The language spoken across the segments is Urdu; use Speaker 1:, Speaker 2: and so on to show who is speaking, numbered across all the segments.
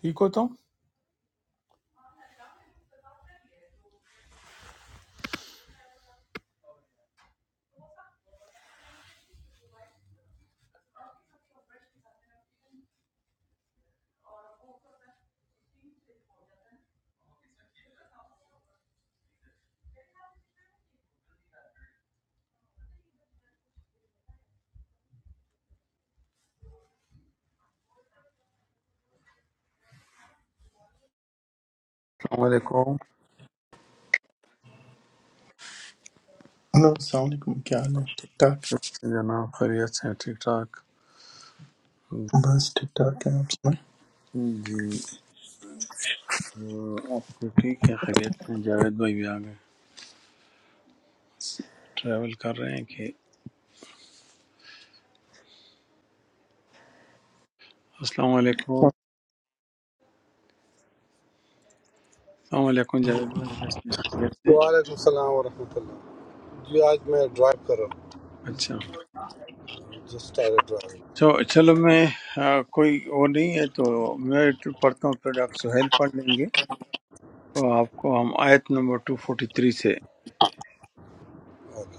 Speaker 1: ٹھیک ہو تم السلام علیکم
Speaker 2: ہلو السلام علیکم کیا حال ہے ٹھیک ٹھاک
Speaker 1: جناب خیریت سے ہیں؟ ٹھیک ٹھاک
Speaker 2: بس ٹھیک ٹھاک ہے آپ سنائیں
Speaker 1: جی آپ تو ٹھیک ہے خیریت سے ہیں؟ جاوید بھائی بھی آ گئے ٹریول کر رہے ہیں کہ السلام علیکم السلام علیکم جاوید بھائی کیسے ہیں خیریت سے ہیں؟
Speaker 3: وعلیکم السلام ورحمۃ اللہ جی آج میں ڈرائیو کر رہا
Speaker 1: اچھا
Speaker 3: ہوں جسٹ اسٹارٹ ڈرائیو
Speaker 1: تو چلو میں آ، کوئی وہ نہیں ہے تو میں تو پڑھتا ہوں پھر ڈاکٹر سہیل پڑھ لیں گے تو آپ کو ہم آیت نمبر 243 سے
Speaker 3: اوکے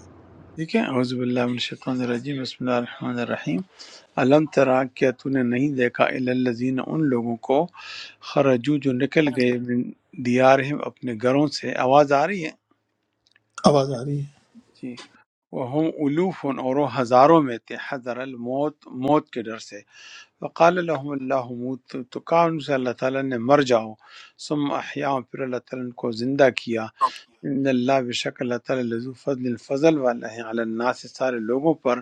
Speaker 1: ٹھیک ہے اعوذ باللہ من الشیطان الرجیم بسم اللہ الرحمن الرحیم علم ترا کیا تو نے نہیں دیکھا الی الذین ان لوگوں کو خرجو جو نکل گئے من دیارہم اپنے گھروں سے آواز آ رہی ہے
Speaker 2: آواز آ رہی ہے
Speaker 1: جی وہ الوف اور وہ ہزاروں میں تھے حضر الموت موت کے ڈر سے وقال لهم اللہ موتو تو کہا ان سے اللہ تعالیٰ نے مر جاؤ ثم احیاء پھر اللہ تعالیٰ نے ان کو زندہ کیا ان اللہ بشک اللہ تعالیٰ لذو فضل فضل والا ہے علی الناس سارے لوگوں پر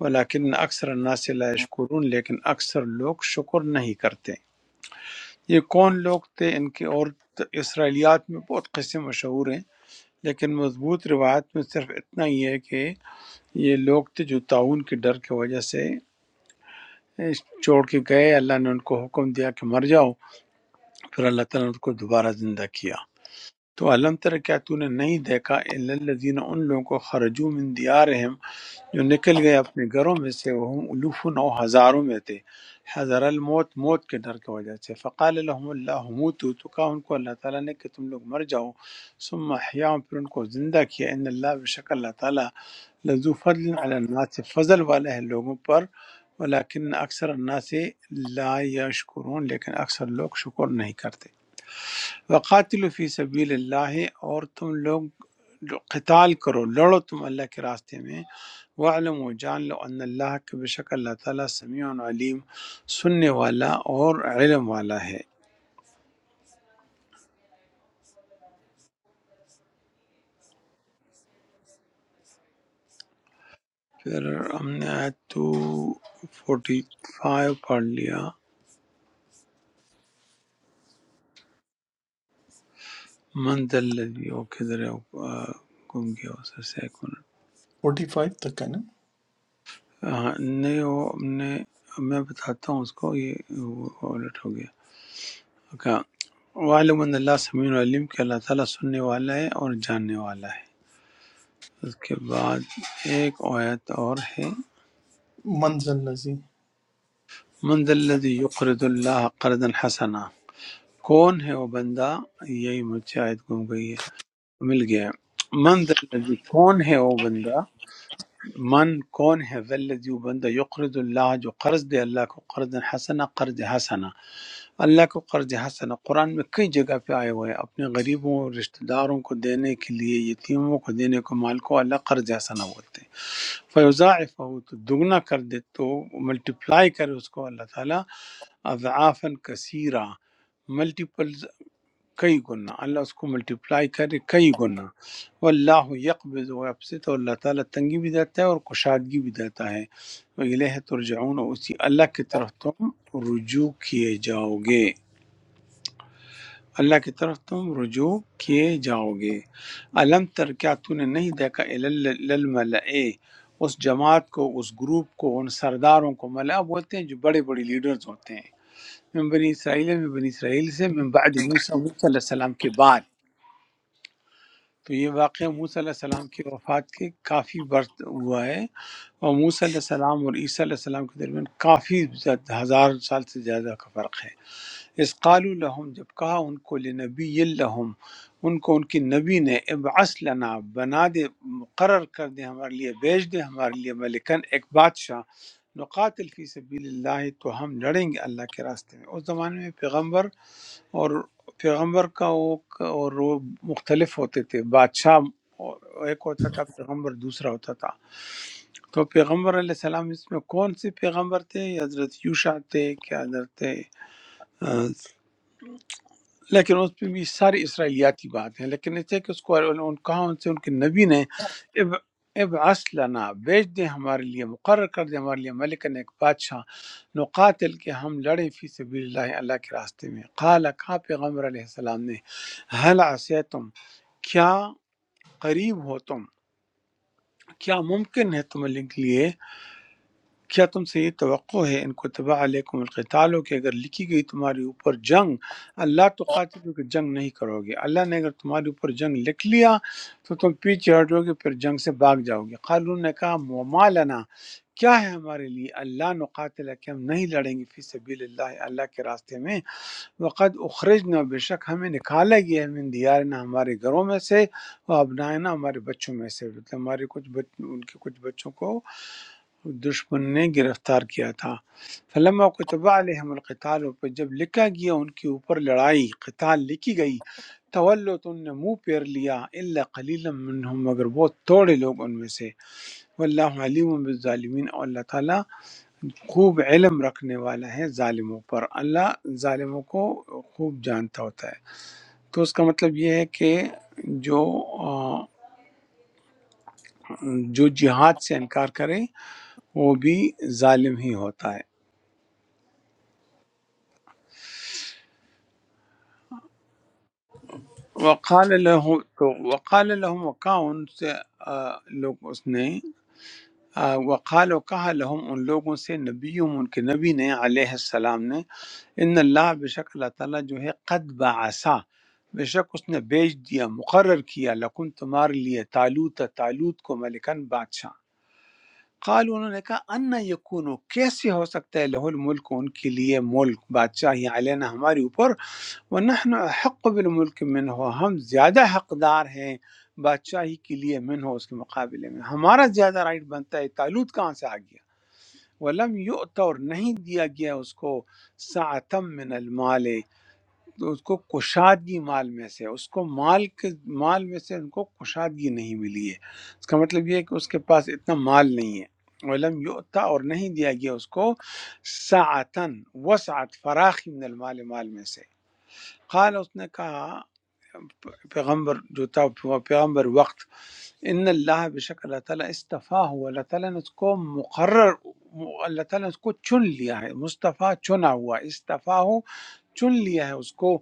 Speaker 1: ولیکن اکثر الناس لا یشکرون لیکن اکثر لوگ شکر نہیں کرتے یہ کون لوگ تھے ان کے اور اسرائیلیات میں بہت قصے مشہور ہیں لیکن مضبوط روایت میں صرف اتنا ہی ہے کہ یہ لوگ تھے جو تعاون کے ڈر کی وجہ سے اس چھوڑ کے گئے اللہ نے ان کو حکم دیا کہ مر جاؤ پھر اللہ تعالیٰ نے ان کو دوبارہ زندہ کیا تو علم تر کیا تو نے نہیں دیکھا الا الذین ان لوگوں کو خرجو من دیارہم جو نکل گئے اپنے گھروں میں سے وہ ہم الوف نو ہزاروں میں تھے حضر الموت موت کے ڈر کی وجہ سے فقال لهم اللہ موتو تو کہا ان کو اللہ تعالیٰ نے کہ تم لوگ مر جاؤ ثم احیاهم پھر ان کو زندہ کیا ان اللہ بشک اللہ تعالیٰ لذو فضل علی الناس فضل والا ہے لوگوں پر ولیکن اکثر الناس لا یشکرون لیکن اکثر لوگ شکر نہیں کرتے وقاتل فی سبیل اللہ اور تم لوگ جو قتال کرو لڑو تم اللہ کے راستے میں وعلم و جان لو ان اللہ کے بے شک اللہ تعالیٰ سمیع و علیم سننے والا اور علم والا ہے پھر ہم نے آیت 245 پڑھ لیا من دلدی وہ کدھر ہے؟ آ، گم گیا اس سے ایک منٹ
Speaker 2: فورٹی فائیو تک ہے نا
Speaker 1: ہاں، نہیں وہ ہم نے میں بتاتا ہوں اس کو یہ وہ الٹ ہو گیا اچھا وعلم ان اللہ سمیع و علیم کہ اللہ تعالیٰ سننے والا ہے اور جاننے والا ہے اس کے بعد ایک آیت اور ہے
Speaker 2: منزل لذی
Speaker 1: من ذا الذي يقرض الله قرضا حسنا कौन है वो बंदा यही मुझसे आयत गुम गई है मिल गया है। मन ذا الذي कौन है वो बंदा मन कौन है ذا الذي वो बंदा يقرض الله जो कर्ज दे अल्लाह को कर्ज हसना कर्ज हसना اللہ کو قرض حسن قرآن میں کئی جگہ پہ آئے ہوئے ہیں اپنے غریبوں رشتہ داروں کو دینے کے لیے یتیموں کو دینے کو مال کو اللہ قرض حسنہ بولتے ہیں فیوزا تو دگنا کر دے تو ملٹیپلائی کرے اس کو اللہ تعالیٰ اضعافن کثیرہ ملٹیپل کئی گنا اللہ اس کو ملٹیپلائی کرے کئی گنا واللہ یقبض و یبسط اور اللہ تعالیٰ تنگی بھی دیتا ہے اور کشادگی بھی دیتا ہے وہ ترجعون اور اسی اللہ کی طرف تم رجوع کیے جاؤ گے اللہ کی طرف تم رجوع کیے جاؤ گے علم تر کیا تو نے نہیں دیکھا للملئے اس جماعت کو اس گروپ کو ان سرداروں کو ملا بولتے ہیں جو بڑے بڑے لیڈرز ہوتے ہیں من بنی اسرائیل من بنی اسرائیل سے من بعد موسیٰ موسیٰ علیہ السلام کے بعد تو یہ واقعہ موسیٰ علیہ السلام کی وفات کے کافی برس ہوا ہے اور موسیٰ علیہ السلام اور عیسیٰ علیہ السلام کے درمیان کافی زیادہ- ہزار سال سے زیادہ کا فرق ہے اس قال لهم جب کہا ان کو لنبی لهم ان کو ان کی نبی نے ابعث لنا بنا دے مقرر کر دے ہمارے لیے بھیج دے ہمارے لیے ملکن ایک بادشاہ نقاتل فی سبیل اللہ تو ہم لڑیں گے اللہ کے راستے میں اس زمانے میں پیغمبر اور پیغمبر کا وہ اور وہ مختلف ہوتے تھے بادشاہ ایک ہوتا تھا پیغمبر دوسرا ہوتا تھا تو پیغمبر علیہ السلام اس میں کون سے پیغمبر تھے یہ حضرت یوشع تھے کیا حضرت لیکن اس میں بھی ساری اسرائیلیاتی بات ہے لیکن اس ہے کہ اس کو ان کہا ان سے ان کے نبی نے اب ابعث لنا بھیج دیں ہمارے لیے مقرر کر دیں ہمارے لیے ملکن ایک بادشاہ نقاتل کے ہم لڑیں فی سبیل اللہ اللہ کے راستے میں قال کہا پیغمبر علیہ السلام نے حل عصیتم کیا قریب ہو تم کیا ممکن ہے تم کے لیے کیا تم سے یہ توقع ہے ان کو تباہ علیکم القتال ہو کہ اگر لکھی گئی تمہارے اوپر جنگ اللہ تو قاتل کہ جنگ نہیں کرو گے اللہ نے اگر تمہارے اوپر جنگ لکھ لیا تو تم پیچھے ہٹو گے پھر جنگ سے بھاگ جاؤ گے قالون نے کہا وما لنا کیا ہے ہمارے لیے اللہ نقاتل کہ ہم نہیں لڑیں گے فی سبیل اللہ اللہ کے راستے میں وقد اخرجنا بے شک ہمیں نکالا گیا ہے من دیارنا ہمارے گھروں میں سے و ابنائنا ہمارے بچوں میں سے مطلب ہمارے کچھ بچ ان کے کچھ بچوں کو دشمن نے گرفتار کیا تھا فلما کتب علیہم القتال اور پھر جب لکھا گیا ان کے اوپر لڑائی قتال لکھی گئی تولو تو ان نے منہ پیر لیا اللہ قلیل منہم مگر بہت تھوڑے لوگ ان میں سے واللہ علیم بالظالمین اور اللہ تعالیٰ خوب علم رکھنے والا ہے ظالموں پر اللہ ظالموں کو خوب جانتا ہوتا ہے تو اس کا مطلب یہ ہے کہ جو آ، جو جہاد سے انکار کرے وہ بھی ظالم ہی ہوتا ہے وقال لہم تو وقال لہم وقع ان سے آ، لوگ اس نے آ، وقال و کہا لہم ان لوگوں سے نبیوں ان کے نبی نے علیہ السلام نے ان اللہ بے شک اللہ تعالیٰ جو ہے قد بعثا بے شک اس نے بھیج دیا مقرر کیا لکن تمہارے لیے تالوت تالوت کو ملکن بادشاہ قال انہوں نے کہا ان یکونو کیسے ہو سکتا ہے لہ الملک ان کے لیے ملک بادشاہ علینا ہماری اوپر ونحن احق بالملک من ہو ہم زیادہ حقدار ہیں بادشاہی کے لیے من ہو اس کے مقابلے میں ہمارا زیادہ رائٹ بنتا ہے تالوت کہاں سے آ گیا ولم یؤت اور نہیں دیا گیا اس کو ساعتم من المال تو اس کو کشادگی مال میں سے اس کو مال کے مال میں سے ان کو کشادگی نہیں ملی ہے اس کا مطلب یہ ہے کہ اس کے پاس اتنا مال نہیں ہے ولم یؤتا اور نہیں دیا گیا اس کو ساعتن وسعت فراخی من المال مال میں سے قال اس نے کہا پیغمبر جو تھا وہ پیغمبر وقت ان اللہ بے شک اللہ تعالیٰ استفا ہوا اللہ تعالیٰ نے اس کو مقرر اللہ تعالیٰ نے اس کو چن لیا ہے مصطفیٰ چنا ہوا استفا ہو چن لیا ہے اس کو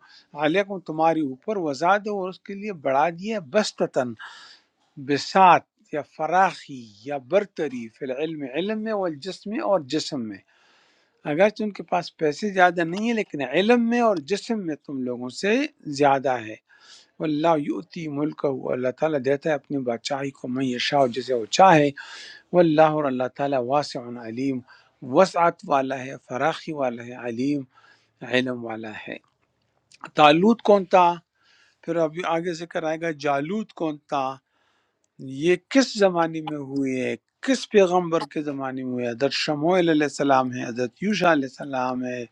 Speaker 1: علیکم تمہاری اوپر وزاد اور اس کے لیے بڑھا دیا ہے بستتاً بسات یا فراخی یا برتری فی العلم علم میں والجسم اور جسم میں اگرچہ ان کے پاس پیسے زیادہ نہیں ہیں لیکن علم میں اور جسم میں تم لوگوں سے زیادہ ہے واللہ یؤتی ملک و اللہ تعالیٰ دیتا ہے اپنی بادشاہی کو من یشاء جسے وہ چاہے واللہ اور اللہ تعالیٰ واسع علیم وسعت والا ہے فراخی والا ہے علیم علم والا ہے تالوت کون تھا پھر ابھی آگے ذکر آئے گا جالوت کون تھا یہ کس زمانے میں ہوئے کس پیغمبر کے زمانے میں ہوئے حضرت شموئل علیہ السلام ہے حضرت یوشا علیہ السلام ہے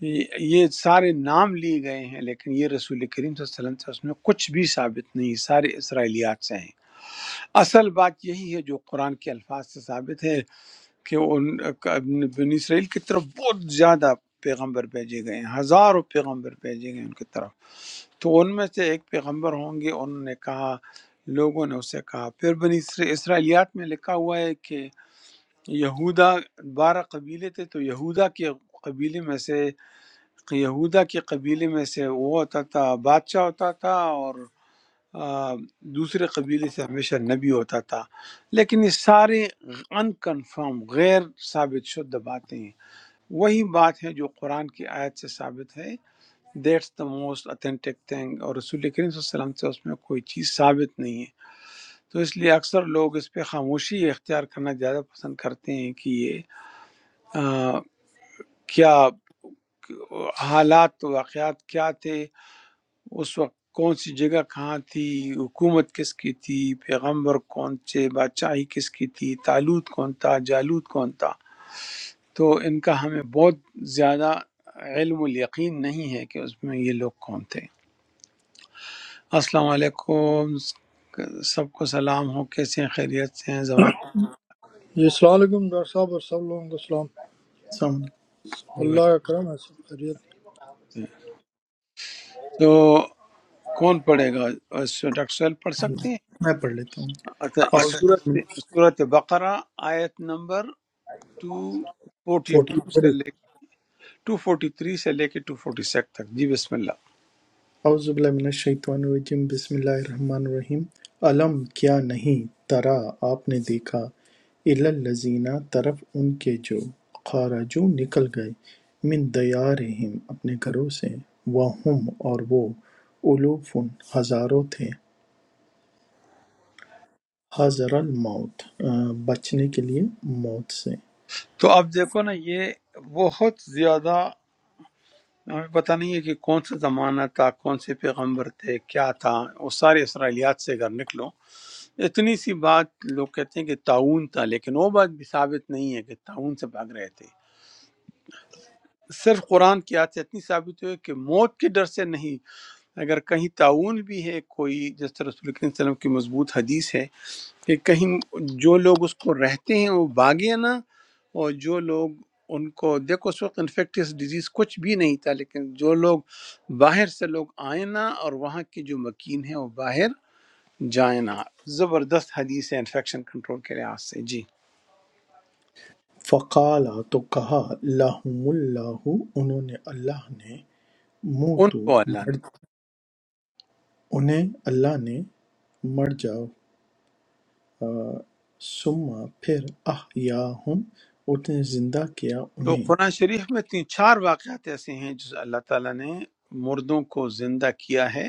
Speaker 1: یہ یہ سارے نام لیے گئے ہیں لیکن یہ رسول کریم صلی اللہ علیہ وسلم سے اس میں کچھ بھی ثابت نہیں سارے اسرائیلیات سے ہیں اصل بات یہی ہے جو قرآن کے الفاظ سے ثابت ہے کہ ان بنی اسرائیل کی طرف بہت زیادہ پیغمبر بھیجے گئے ہیں ہزاروں پیغمبر بھیجے گئے ہیں ان کی طرف تو ان میں سے ایک پیغمبر ہوں گے انہوں نے کہا لوگوں نے اسے کہا پھر بنی اسر- اسرائیلیات میں لکھا ہوا ہے کہ یہودا بارہ قبیلے تھے تو یہودا کے قبیلے میں سے یہودا کے قبیلے میں سے وہ ہوتا تھا بادشاہ ہوتا تھا اور آ، دوسرے قبیلے سے ہمیشہ نبی ہوتا تھا لیکن یہ سارے ان کنفرم غیر ثابت شدہ باتیں ہیں وہی بات ہے جو قرآن کی آیت سے ثابت ہے that's the most authentic thing اور رسول کریم صلی اللہ علیہ وسلم سے اس میں کوئی چیز ثابت نہیں ہے تو اس لیے اکثر لوگ اس پہ خاموشی اختیار کرنا زیادہ پسند کرتے ہیں کہ یہ آ، کیا حالات واقعات کیا تھے اس وقت کون سی جگہ کہاں تھی حکومت کس کی تھی پیغمبر کون سے بادشاہی کس کی تھی تالوت کون تھا جالوت کون تھا تو ان کا ہمیں بہت زیادہ علم الیقین نہیں ہے کہ اس میں یہ لوگ کون تھے السلام علیکم سب کو سلام ہو کیسے ہیں خیریت سے ہیں زبان
Speaker 4: جی السلام علیکم ڈاکٹر صاحب اور سب لوگوں کو السلام
Speaker 2: السلام
Speaker 1: جی بھائی۔
Speaker 4: اللہ کا کرم ہے سب خیریت
Speaker 1: تو کون پڑھے گا اس میں ڈاکٹر سہیل پڑھ سکتے ہیں
Speaker 2: علیکم میں پڑھ لیتا ہوں
Speaker 1: اچھا اس
Speaker 2: اعوذ
Speaker 1: صورت صورت بقرہ آیت نمبر
Speaker 2: فورٹی
Speaker 4: فورٹی
Speaker 1: 242
Speaker 4: تھری
Speaker 1: سے ٹو فورٹی تھری سے لے کے ٹو فورٹی سیٹ تک جی بسم اللہ
Speaker 2: اعوذ باللہ من الشیطان الرجیم بسم اللہ الرحمن الرحیم علم کیا نہیں ترا آپ نے دیکھا الالذینہ طرف ان کے جو خارجو نکل گئے من دیارہم اپنے گھروں سے وہم اور وہ الوفن ہزاروں تھے حَذَرَ الموت بچنے کے لیے موت سے
Speaker 1: تو اب دیکھو نا یہ بہت زیادہ ہمیں پتہ نہیں ہے کہ کون سا زمانہ تھا کون سے پیغمبر تھے کیا تھا وہ سارے اسرائیلیات سے اگر نکلو اتنی سی بات لوگ کہتے ہیں کہ تعاون تھا لیکن وہ بات بھی ثابت نہیں ہے کہ تعاون سے بھاگ رہے تھے صرف قرآن کی یاد سے اتنی ثابت ہوئی کہ موت کے ڈر سے نہیں اگر کہیں تعاون بھی ہے کوئی جس طرح رسول کریم صلی اللہ علیہ وسلم کی مضبوط حدیث ہے کہ کہیں جو لوگ اس کو رہتے ہیں وہ باغے نہ اور جو لوگ ان کو دیکھو اس وقت انفیکٹس ڈیزیز کچھ بھی نہیں تھا لیکن جو لوگ باہر سے لوگ آئیں نہ اور وہاں کی جو مکین ہے وہ باہر جائیں نہ زبردست حدیث ہے انفیکشن کنٹرول کے لحاظ سے جی
Speaker 2: فقال تو کہا لَهُمُ اللَّهُ انہوں نے اللہ نے
Speaker 1: ان
Speaker 2: موتو
Speaker 1: کو اللہ نے
Speaker 2: مر انہیں اللہ نے مر جاؤ ثم پھر احیاہم اس نے زندہ کیا
Speaker 1: تو
Speaker 2: انہیں
Speaker 1: قرآن شریف میں تین چار واقعات ایسے ہیں جو اللہ تعالیٰ نے مردوں کو زندہ کیا ہے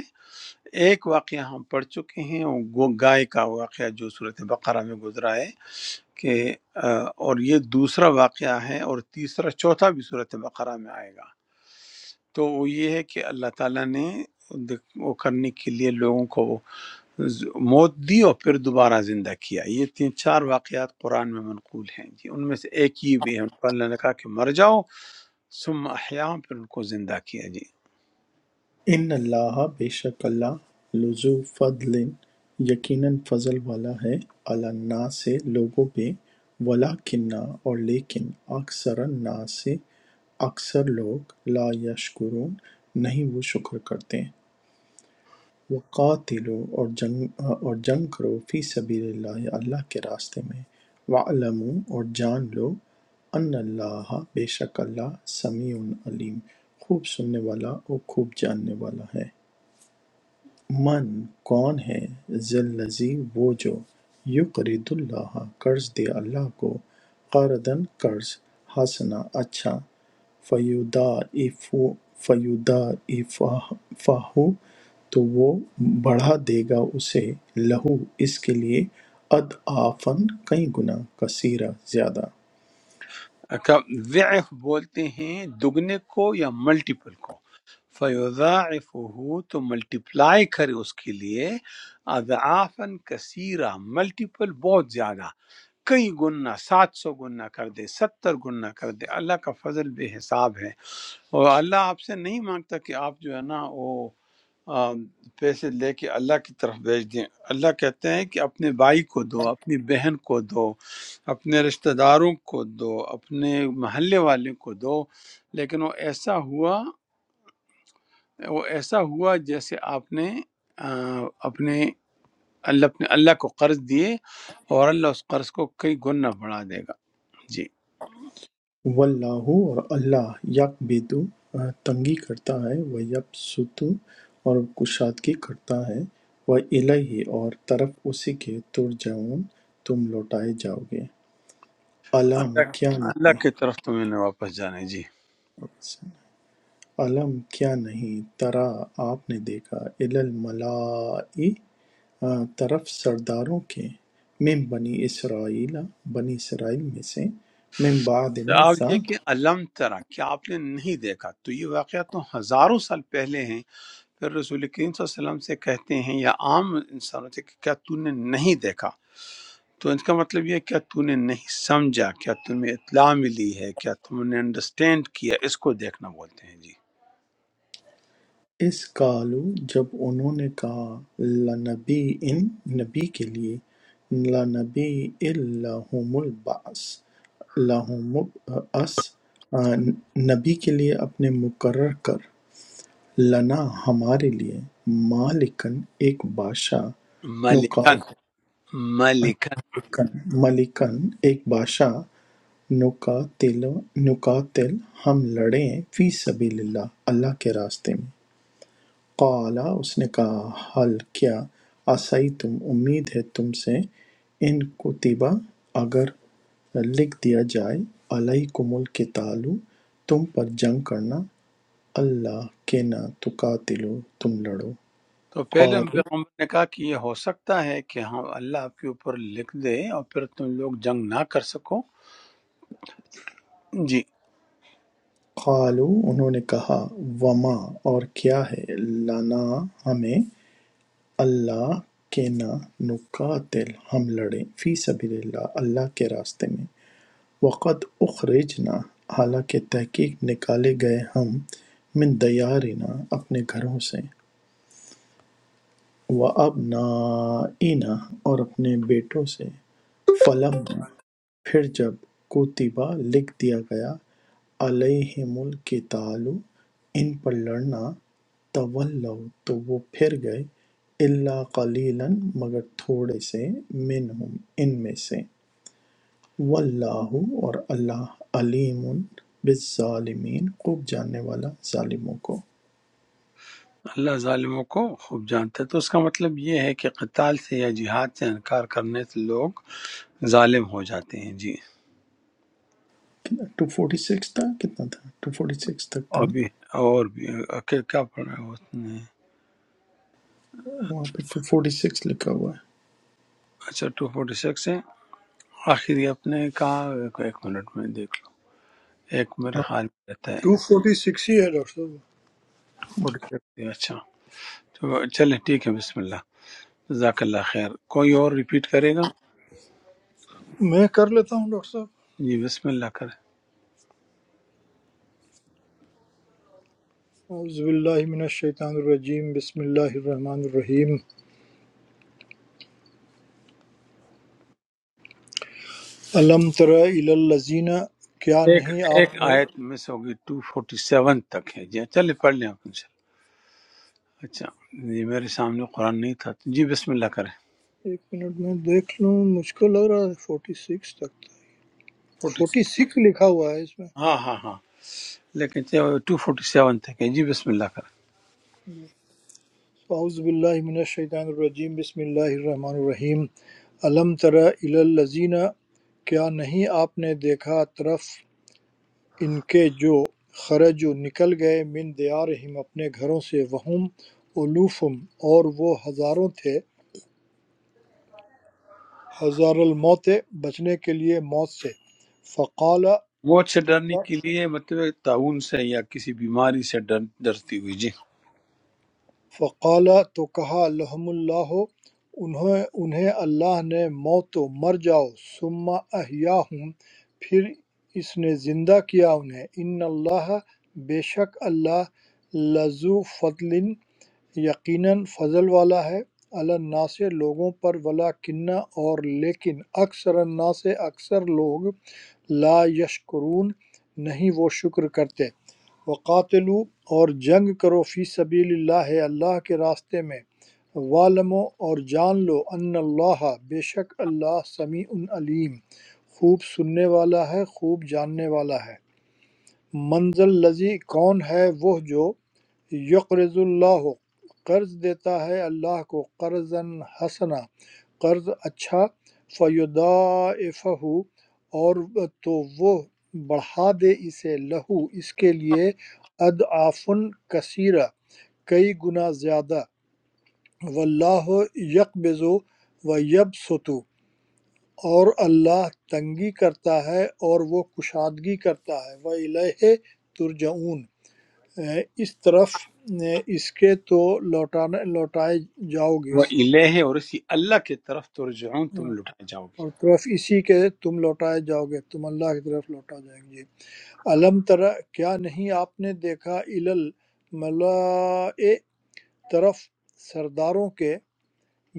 Speaker 1: ایک واقعہ ہم پڑھ چکے ہیں وہ گو- گائے کا واقعہ جو صورت بقرہ میں گزرا ہے کہ آ، اور یہ دوسرا واقعہ ہے اور تیسرا چوتھا بھی صورت بقرہ میں آئے گا تو وہ یہ ہے کہ اللہ تعالیٰ نے دک- وہ کرنے کے لیے لوگوں کو ز- موت دی اور پھر دوبارہ زندہ کیا یہ تین چار واقعات قرآن میں منقول ہیں جی ان میں سے ایک ہی بھی ہے ان پر اللہ نے کہا کہ مر جاؤ ثم احیاء پھر ان کو زندہ کیا جی
Speaker 2: ان اللہ بے شک اللہ لذو فضل یقینا فضل والا ہے علی الناس سے لوگوں پہ ولکنہ اور لیکن اکثر الناس سے اکثر لوگ لا یشکرون نہیں وہ شکر کرتے وقاتلو اور جنگ اور جنگ کرو فی سبیل اللہ اللہ کے راستے میں وعلمو اور جان لو ان اللہ بے شک اللہ سمیع علیم خوب سننے والا اور خوب جاننے والا ہے من کون ہے ذی الذی وہ جو یقرض اللہ قرض دے اللہ کو قرضًا قرض حسنا اچھا فیضاعف- فیضاعفہ تو وہ بڑھا دے گا اسے لہو اس کے لیے اضعافاً کئی گنا کثیرہ زیادہ
Speaker 1: کا ضعف بولتے ہیں دگنے کو یا ملٹیپل کو فَيُضَاعِفُهُ تو ملٹیپلائی کرے اس کے لیے اضعافاً کثیرہ ملٹیپل بہت زیادہ کئی گنا سات سو گنا کر دے ستر گنا کر دے اللہ کا فضل بے حساب ہے اور اللہ آپ سے نہیں مانگتا کہ آپ جو ہے نا وہ آم، پیسے لے کے اللہ کی طرف بھیج دیں اللہ کہتے ہیں کہ اپنے بھائی کو دو اپنی بہن کو دو اپنے رشتہ داروں کو دو اپنے محلے والے کو دو لیکن وہ ایسا ہوا وہ ایسا ہوا جیسے آپ نے آ، اپنے اللہ اپنے اللہ کو قرض دیے اور اللہ اس قرض کو کئی گنا بڑھا دے گا جی
Speaker 2: واللہ اور اللہ یکبدو تنگی کرتا ہے ویبسطو اور کشادگی کرتا ہے وإلیہ اور طرف اسی کے ترجعون تم لوٹائے جاؤ گے علم
Speaker 1: اللہ
Speaker 2: کیا
Speaker 1: اللہ
Speaker 2: نہیں
Speaker 1: کی طرف تمہیں نے واپس جانے جی
Speaker 2: علم کیا نہیں ترا آپ نے دیکھا الی الملائی طرف سرداروں کے من بنی اسرائیل بنی اسرائیل میں سے من بعد
Speaker 1: تو آپ
Speaker 2: موسیٰ
Speaker 1: یہ کہ علم ترا کیا آپ نے نہیں دیکھا تو یہ واقعہ تو ہزاروں سال پہلے ہیں پھر رسول کریم صلی اللہ علیہ وسلم سے کہتے ہیں یا عام انسانوں سے کہ کیا تو نے نہیں دیکھا تو ان کا مطلب یہ ہے کیا تو نے نہیں سمجھا کیا تمہیں اطلاع ملی ہے کیا تم نے انڈرسٹینڈ کیا اس کو دیکھنا بولتے ہیں جی
Speaker 2: اذقالوا جب انہوں نے کہا لنبیٍ نبی کے لیے لنبیٍ لَهُمُ البعث لَهُمُ البعث نبی کے لیے اپنے مقرر کر لنا ہمارے لیے مالکن ایک بادشاہ
Speaker 1: ملکن
Speaker 2: نقاتلکن
Speaker 1: ملکن
Speaker 2: ملکن ایک بادشاہ نقاتل نقاتل ہم لڑیں فی سبیل اللہ اللہ کے راستے میں قَالَ اس نے کہا هَلْ کیا عَصَیْتُمْ امید ہے تم سے ان کُتِبَ اگر لکھ دیا جائے عَلَیْکُمُ الْقِتَالُ تم پر جنگ کرنا أَلَّا کہ نہ تُقَاتِلُوا تم لڑو
Speaker 1: تو پہلے ان
Speaker 2: قَالُوا
Speaker 1: پیغمبر نے کہا کہ یہ ہو سکتا ہے کہ ہاں اللہ آپ کے اوپر لکھ دے اور پھر تم لوگ جنگ نہ کر سکو جی
Speaker 2: قَالُوا انہوں نے کہا وَمَا اور کیا ہے لَنَا ہمیں أَلَّا کہ نہ نُقَاتِلْ ہم لڑیں فِي سَبِيلِ اللَّهِ اللہ کے راستے میں وَقَدْ أُخْرِجْنَا حالانکہ تحقیق نکالے گئے ہم من دیارنا اپنے گھروں سے وَأَبْنَائِنَا اور اپنے بیٹوں سے فَلَمَّا پھر جب کتبہ لکھ دیا گیا علیہم القتال ان پر لڑنا تولوا تو وہ پھر گئے اللہ قلیلا مگر تھوڑے سے منہم ان میں سے واللہ اور اللہ علیم بالظالمین خوب جاننے والا ظالموں کو
Speaker 1: اللہ ظالموں کو خوب جانتا ہے تو اس کا مطلب یہ ہے کہ قتال سے یا جہاد سے انکار کرنے سے لوگ ظالم ہو جاتے ہیں جی
Speaker 2: ٹو فورٹی سکس تھا کتنا تھا ٹو فورٹی سکس تک تھا نا
Speaker 1: ابھی اور بھی کیا کیا پڑھا ہے اس نے
Speaker 2: وہاں پہ ٹو فورٹی سکس لکھا ہوا
Speaker 1: اچھا ٹو فورٹی سکس ہے آخری آپ نے کہا ایک منٹ میں دیکھ لو ایک
Speaker 2: ہے
Speaker 1: میرے خیال میں رہتا ہے
Speaker 4: ٹو فورٹی سکس ہی ہے ڈاکٹر صاحب
Speaker 1: ٹو فورٹی سکس ہے۔ اچھا تو چلیں ٹھیک ہے بسم اللہ جزاک اللہ خیر کوئی اور ریپیٹ کرے گا
Speaker 4: میں کر لیتا ہوں ڈاکٹر صاحب
Speaker 1: جی بسم اللہ کریں
Speaker 4: اعوذ باللہ من الشیطان الرجیم بسم اللہ الرحمن الرحیم علم تر الی الذین کیا
Speaker 1: ایک
Speaker 4: نہیں آپ
Speaker 1: ایک
Speaker 4: نے
Speaker 1: آیت مس ہوگی ٹو فورٹی سیون تک ہے جی چلیں پڑھ لیں آپ ان شاء اللہ اچھا جی میرے سامنے قرآن نہیں تھا جی بسم اللہ کریں
Speaker 4: ایک منٹ میں دیکھ لوں مجھ کو لگ رہا ہے فورٹی سکس تک
Speaker 1: فورٹی
Speaker 4: فورٹی سکس لکھا ہوا ہے اس میں
Speaker 1: سیون، ہاں ہاں ہاں لیکن ٹو فورٹی سیون تک ہے جی بسم اللہ کریں
Speaker 4: اعوذ باللہ من الشیطان الرجیم بسم اللہ الرحمن الرحیم علم تر الی الذین کیا نہیں آپ نے دیکھا طرف ان کے جو خرجو نکل گئے من دیارہم اپنے گھروں سے وہم الوفم اور وہ ہزاروں تھے ہزار الموت بچنے کے لیے موت سے فقال
Speaker 1: موت سے ڈرنے
Speaker 4: تو
Speaker 1: کے لیے مطلب ہے تعاون سے یا کسی بیماری سے ڈر ڈرتی ہوئی جی
Speaker 4: فَقَالَ تو کہا لَهُمُ اللَّهُ انہیں اللہ نے موت دو مر جاؤ ثُمَّ أَحْیَاهُمْ پھر اس نے زندہ کیا انہیں إِنَّ اللَّهَ بے شک اللہ لَذُو فَضْلٍ یقیناً فضل والا ہے علی الناس لوگوں پر ولیکن اور لیکن اکثر الناس اکثر لوگ لا یشکرون نہیں وہ شکر کرتے وَقَاتِلُوا اور جنگ کرو فی سبیل اللہ اللہ کے راستے میں وَاعْلَمُوا اور جان لو ان اللہ بے شک اللہ سمیع علیم خوب سننے والا ہے خوب جاننے والا ہے منزل لذی کون ہے وہ جو یقرض اللہ قرض دیتا ہے اللہ کو قرض حسنا قرض اچھا فیدائفہ اور تو وہ بڑھا دے اسے لہو اس کے لیے ادعافن کثیرہ کئی گنا زیادہ واللہ یقبض و یبسطو اور اللہ تنگی کرتا ہے اور وہ کشادگی کرتا ہے وہ الہ ترجعون اس طرف اس کے تو لوٹانا لوٹائے جاؤ گے
Speaker 1: وہ
Speaker 4: اس
Speaker 1: الہ ہے، اور اسی اللہ کی طرف ترجعون تم لٹائے جاؤ گے
Speaker 4: اور طرف اسی کے تم لوٹائے جاؤ گے تم اللہ کی طرف لوٹا جائیں گے علم ترا کیا نہیں آپ نے دیکھا الل ملائے طرف سرداروں کے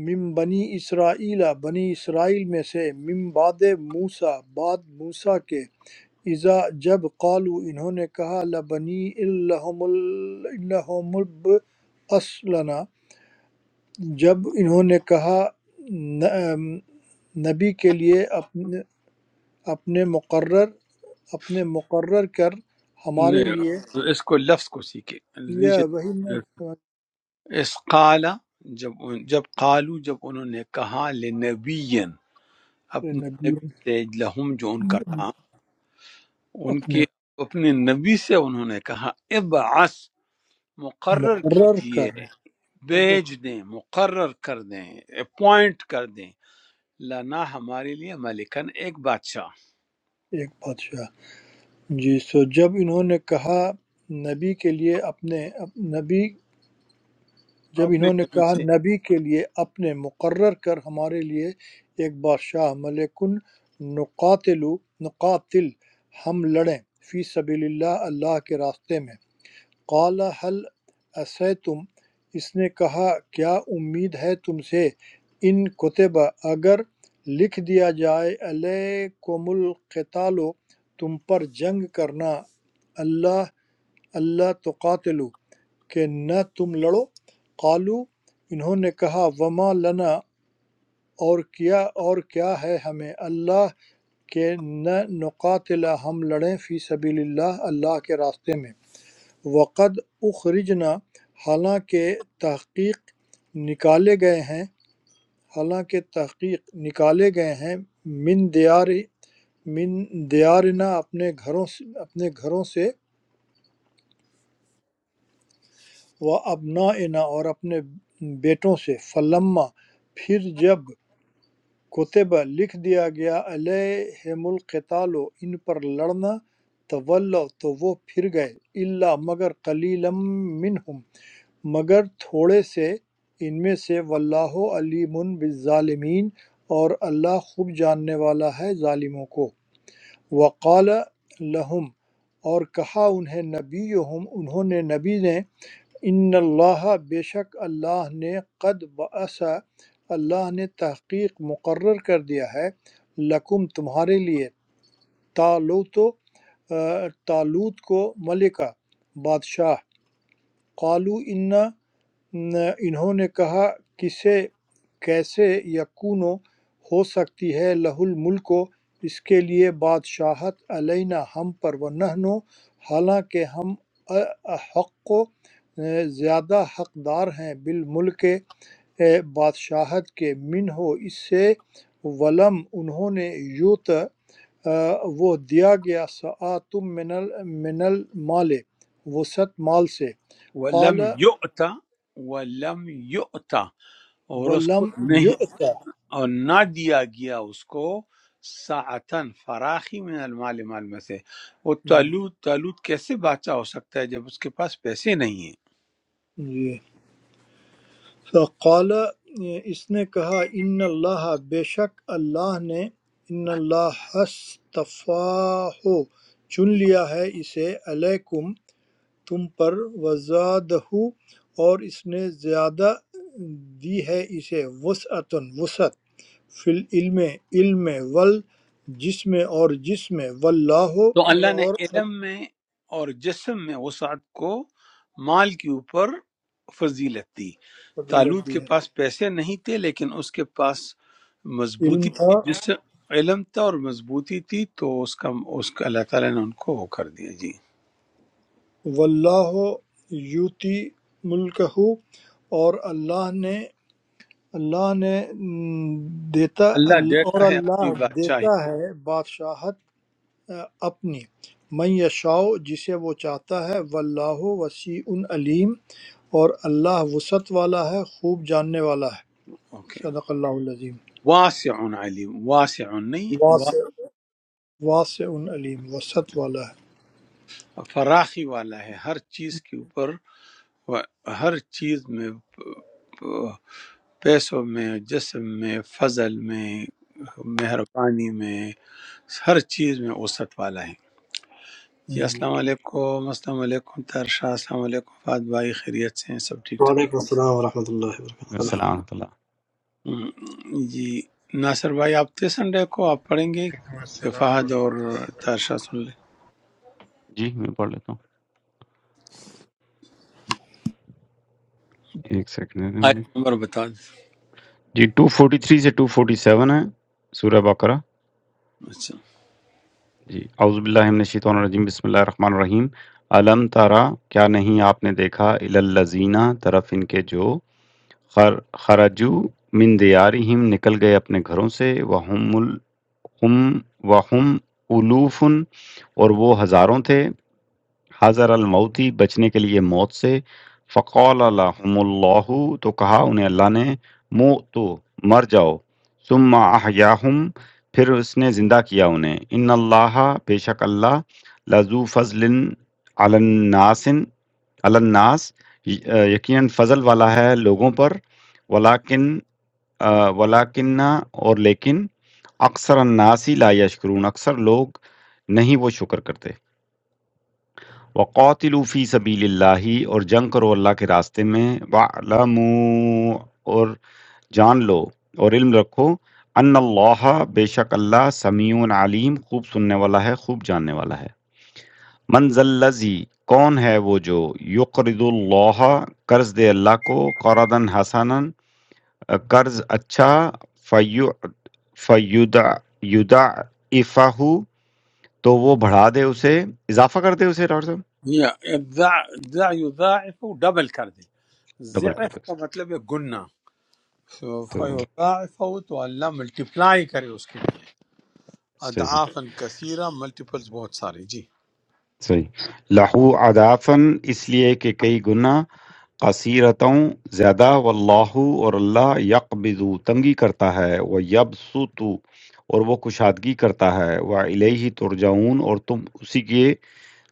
Speaker 4: من بنی اسرائیل بنی اسرائیل میں سے من بعد موسا بعد موسا کے اذا جب قالو انہوں نے کہا لبنی الحم الحم اسلنا جب انہوں نے کہا "ن- نبی کے لیے اپنے اپنے مقرر اپنے مقرر کر ہمارے
Speaker 1: نہیں،
Speaker 4: لیے
Speaker 1: اس کو لفظ کو سیکھے
Speaker 4: یہ
Speaker 1: نیچے
Speaker 4: وہی میں سمجھ
Speaker 1: اس قال جب جب قالو جب انہوں نے کہا لنبی
Speaker 4: رہے
Speaker 1: اپنے
Speaker 4: نبی
Speaker 1: نبی سے لہم جو ان کا تھا ان
Speaker 4: اپنے
Speaker 1: کے اپنے نبی سے انہوں نے کہا ابعث مقرر
Speaker 4: مقرر کر
Speaker 1: کیجئے
Speaker 4: رہے، مقرر
Speaker 1: بھیج دیں مقرر کر دیں اپوائنٹ کر دیں لنا ہمارے لیے ملکن ایک بادشاہ
Speaker 4: ایک بادشاہ جی سو جب انہوں نے کہا نبی کے لیے اپنے نبی جب
Speaker 1: اپنے
Speaker 4: انہوں نے
Speaker 1: نبی
Speaker 4: کہا
Speaker 1: سے
Speaker 4: نبی کے لیے اپنے مقرر کر ہمارے لیے ایک بادشاہ ملکن نقاتل نقاتل ہم لڑیں فی سبیل اللہ اللہ کے راستے میں قال حل تم اس نے کہا کیا امید ہے تم سے ان کتبہ اگر لکھ دیا جائے علیکم القتال تم پر جنگ کرنا اللہ أَلَّا تُقَاتِلُوا کہ نہ تم لڑو قالوا انہوں نے کہا وما لنا اور کیا اور کیا ہے ہمیں اللہ کہ نہ نقاتل ہم لڑیں فی سبیل اللہ اللہ کے راستے میں وقد اخرجنا حالانکہ تحقیق نکالے گئے ہیں حالانکہ تحقیق نکالے گئے ہیں من دیار من دیارنا اپنے گھروں سے اپنے گھروں سے و ابنا اور اپنے بیٹوں سے فلما پھر جب کتبہ لکھ دیا گیا علیہم القتال ان پر لڑنا تولوا تو وہ پھر گئے اللہ مگر قلیلم منہم مگر تھوڑے سے ان میں سے واللہ علیم بالظالمین اور اللہ خوب جاننے والا ہے ظالموں کو وقال لہم اور کہا انہیں نبی انہوں نے نبی نے ان اللہ بے شک اللہ نے قد بعث اللہ نے تحقیق مقرر کر دیا ہے لکم تمہارے لیے تالوت و- آ، تالوت کو ملکہ بادشاہ قالو انا نہ انہوں نے کہا کسے کیسے یکون ہو سکتی ہے لہ الملک اس کے لیے بادشاہت علینا ہم پر ونحن حالانکہ ہم حق و زیادہ حقدار ہیں بالملک اے بادشاہت کے من ہو اس سے ولم انہوں نے یوت آ، وہ دیا گیا سعاتم من ال- من المال وسط مال سے
Speaker 1: ولم
Speaker 4: قال
Speaker 1: یؤتا ولم یؤتا اور اس
Speaker 4: ولم
Speaker 1: کو نہیں
Speaker 4: یؤتا
Speaker 1: اور نہ دیا گیا اس کو ساعتن فراخی من المال مال میں سے وہ تالوت تالوت کیسے بادشاہ ہو سکتا ہے جب اس کے پاس پیسے نہیں ہیں
Speaker 4: جی فقال اس نے کہا ان اللہ بے شک اللہ نے ان اللہ استفاہ چن لیا ہے اسے علیکم تم پر وزادہ اور اس نے زیادہ دی ہے اسے وسعتن وسعت فی العلم علم ول جسم اور جسم واللہ
Speaker 1: تو اللہ نے
Speaker 4: اور
Speaker 1: علم میں اور جسم میں وسعت کو مال کے اوپر فضیلت دی
Speaker 4: قبیلت
Speaker 1: تالوت
Speaker 4: دی
Speaker 1: کے
Speaker 4: ہے
Speaker 1: پاس پیسے نہیں تھے لیکن اس کے پاس
Speaker 4: علم
Speaker 1: مضبوطی تھی
Speaker 4: تھا
Speaker 1: جس سے علم تھا اور مضبوطی تھی تو اس کا اس کا اللہ تعالیٰ نے ان کو وہ کر دیا جی
Speaker 4: واللہ یؤتی ملکہ اور اللہ نے اللہ نے دیتا
Speaker 1: اللہ
Speaker 4: اور
Speaker 1: دیتا ہے اپنی
Speaker 4: اللہ
Speaker 1: بادشاہی
Speaker 4: دیتا ہے بادشاہت اپنی من یشاء جسے وہ چاہتا ہے واللہ وسیع علیم اور اللہ وسعت والا ہے خوب جاننے والا ہے
Speaker 1: اوکے
Speaker 4: صدق اللہ العظیم
Speaker 1: واسع علیم واسع نہیں
Speaker 4: واسع
Speaker 1: وا-
Speaker 4: واسع علیم وسعت والا
Speaker 1: فراخی والا ہے ہر چیز کے اوپر و- ہر چیز میں پیسوں میں جسم میں فضل میں مہربانی میں ہر چیز میں وسعت والا ہے جی
Speaker 4: ہے
Speaker 1: السلام علیکم السلام علیکم تر شاہ السلام علیکم فات بھائی خیریت سے ہیں سب ٹھیک ٹھاک
Speaker 5: Praise be to Allah. Subhanahu wa taala. Allah.
Speaker 6: السلام ورحمۃ اللہ
Speaker 1: ہم، جی ناصر بھائی آپ تو سنڈے کو آپ پڑھیں گے کہ فہد
Speaker 7: Arbi
Speaker 1: اور تر شاہ سن لیں
Speaker 6: جی میں پڑھ لیتا ہوں ایک سیکنڈ دے دیں
Speaker 1: آیت
Speaker 6: مجھے۔
Speaker 1: نمبر بتا دیں
Speaker 6: جی 243 سے 247 ہے سورہ بقرہ
Speaker 1: اچھا
Speaker 6: جی اعوذ باللہ من الشیطان الرجیم بسم اللہ الرحمن الرحیم علم تارا کیا نہیں آپ نے دیکھا الالذین طرف ان کے جو خر خرجو من دیارہم نکل گئے اپنے گھروں سے وہم الحم وہم الوفن اور وہ ہزاروں تھے حذر الموت ہی بچنے کے لیے موت سے فقال لهم اللہ تو کہا انہیں اللہ نے موتو مر جاؤ ثم احیاہم پھر اس نے زندہ کیا انہیں ان اللہ بے شک اللہ لذو فضل علی الناس علی الناس یقیناً فضل والا ہے لوگوں پر ولیکن آ، ولیکن اور لیکن اکثر الناس ہی لا یشکرون اکثر لوگ نہیں وہ شکر کرتے وَقَاتِلُوا فِي سَبِيلِ اللّٰہِ اور جنگ کرو اللہ کے راستے میں وَاعْلَمُوا اور جان لو اور علم رکھو أَنَّ اللّٰہِ بے شک اللہ سمیع علیم خوب سننے والا ہے خوب جاننے والا ہے۔ مَنْ ذَا الَّذِي کون ہے وہ جو يُقْرِضُ اللّٰہِ قرض دے اللہ کو قَرْضًا حَسَنًا قرض اچھا فَيُعْ فَيُدْعْ يُضَاعِفَہُ تو وہ بڑھا دے اسے اضافہ کر دے اسے ڈاکٹر صاحب
Speaker 1: یا ابداع دع یضاعف ڈبل کر دے
Speaker 6: ڈبل کر
Speaker 1: ضعف
Speaker 6: دے
Speaker 1: کا
Speaker 6: اسے
Speaker 1: مطلب ہے گننا تو
Speaker 6: تو
Speaker 1: فیضاعفہ تو اللہ ملٹیپلائی کرے اس کے لیے
Speaker 6: صحیح
Speaker 1: اضعافاً کثیرہ ملٹیپلز بہت سارے جی
Speaker 6: صحیح لہو عدافن اس لیے کہ کئی گناہ قصیرتوں زیادہ واللہ اور اللہ یقبضو تنگی کرتا ہے وہ یبسطو اور وہ کشادگی کرتا ہے وہ الیہ ترجعون اور تم اسی کی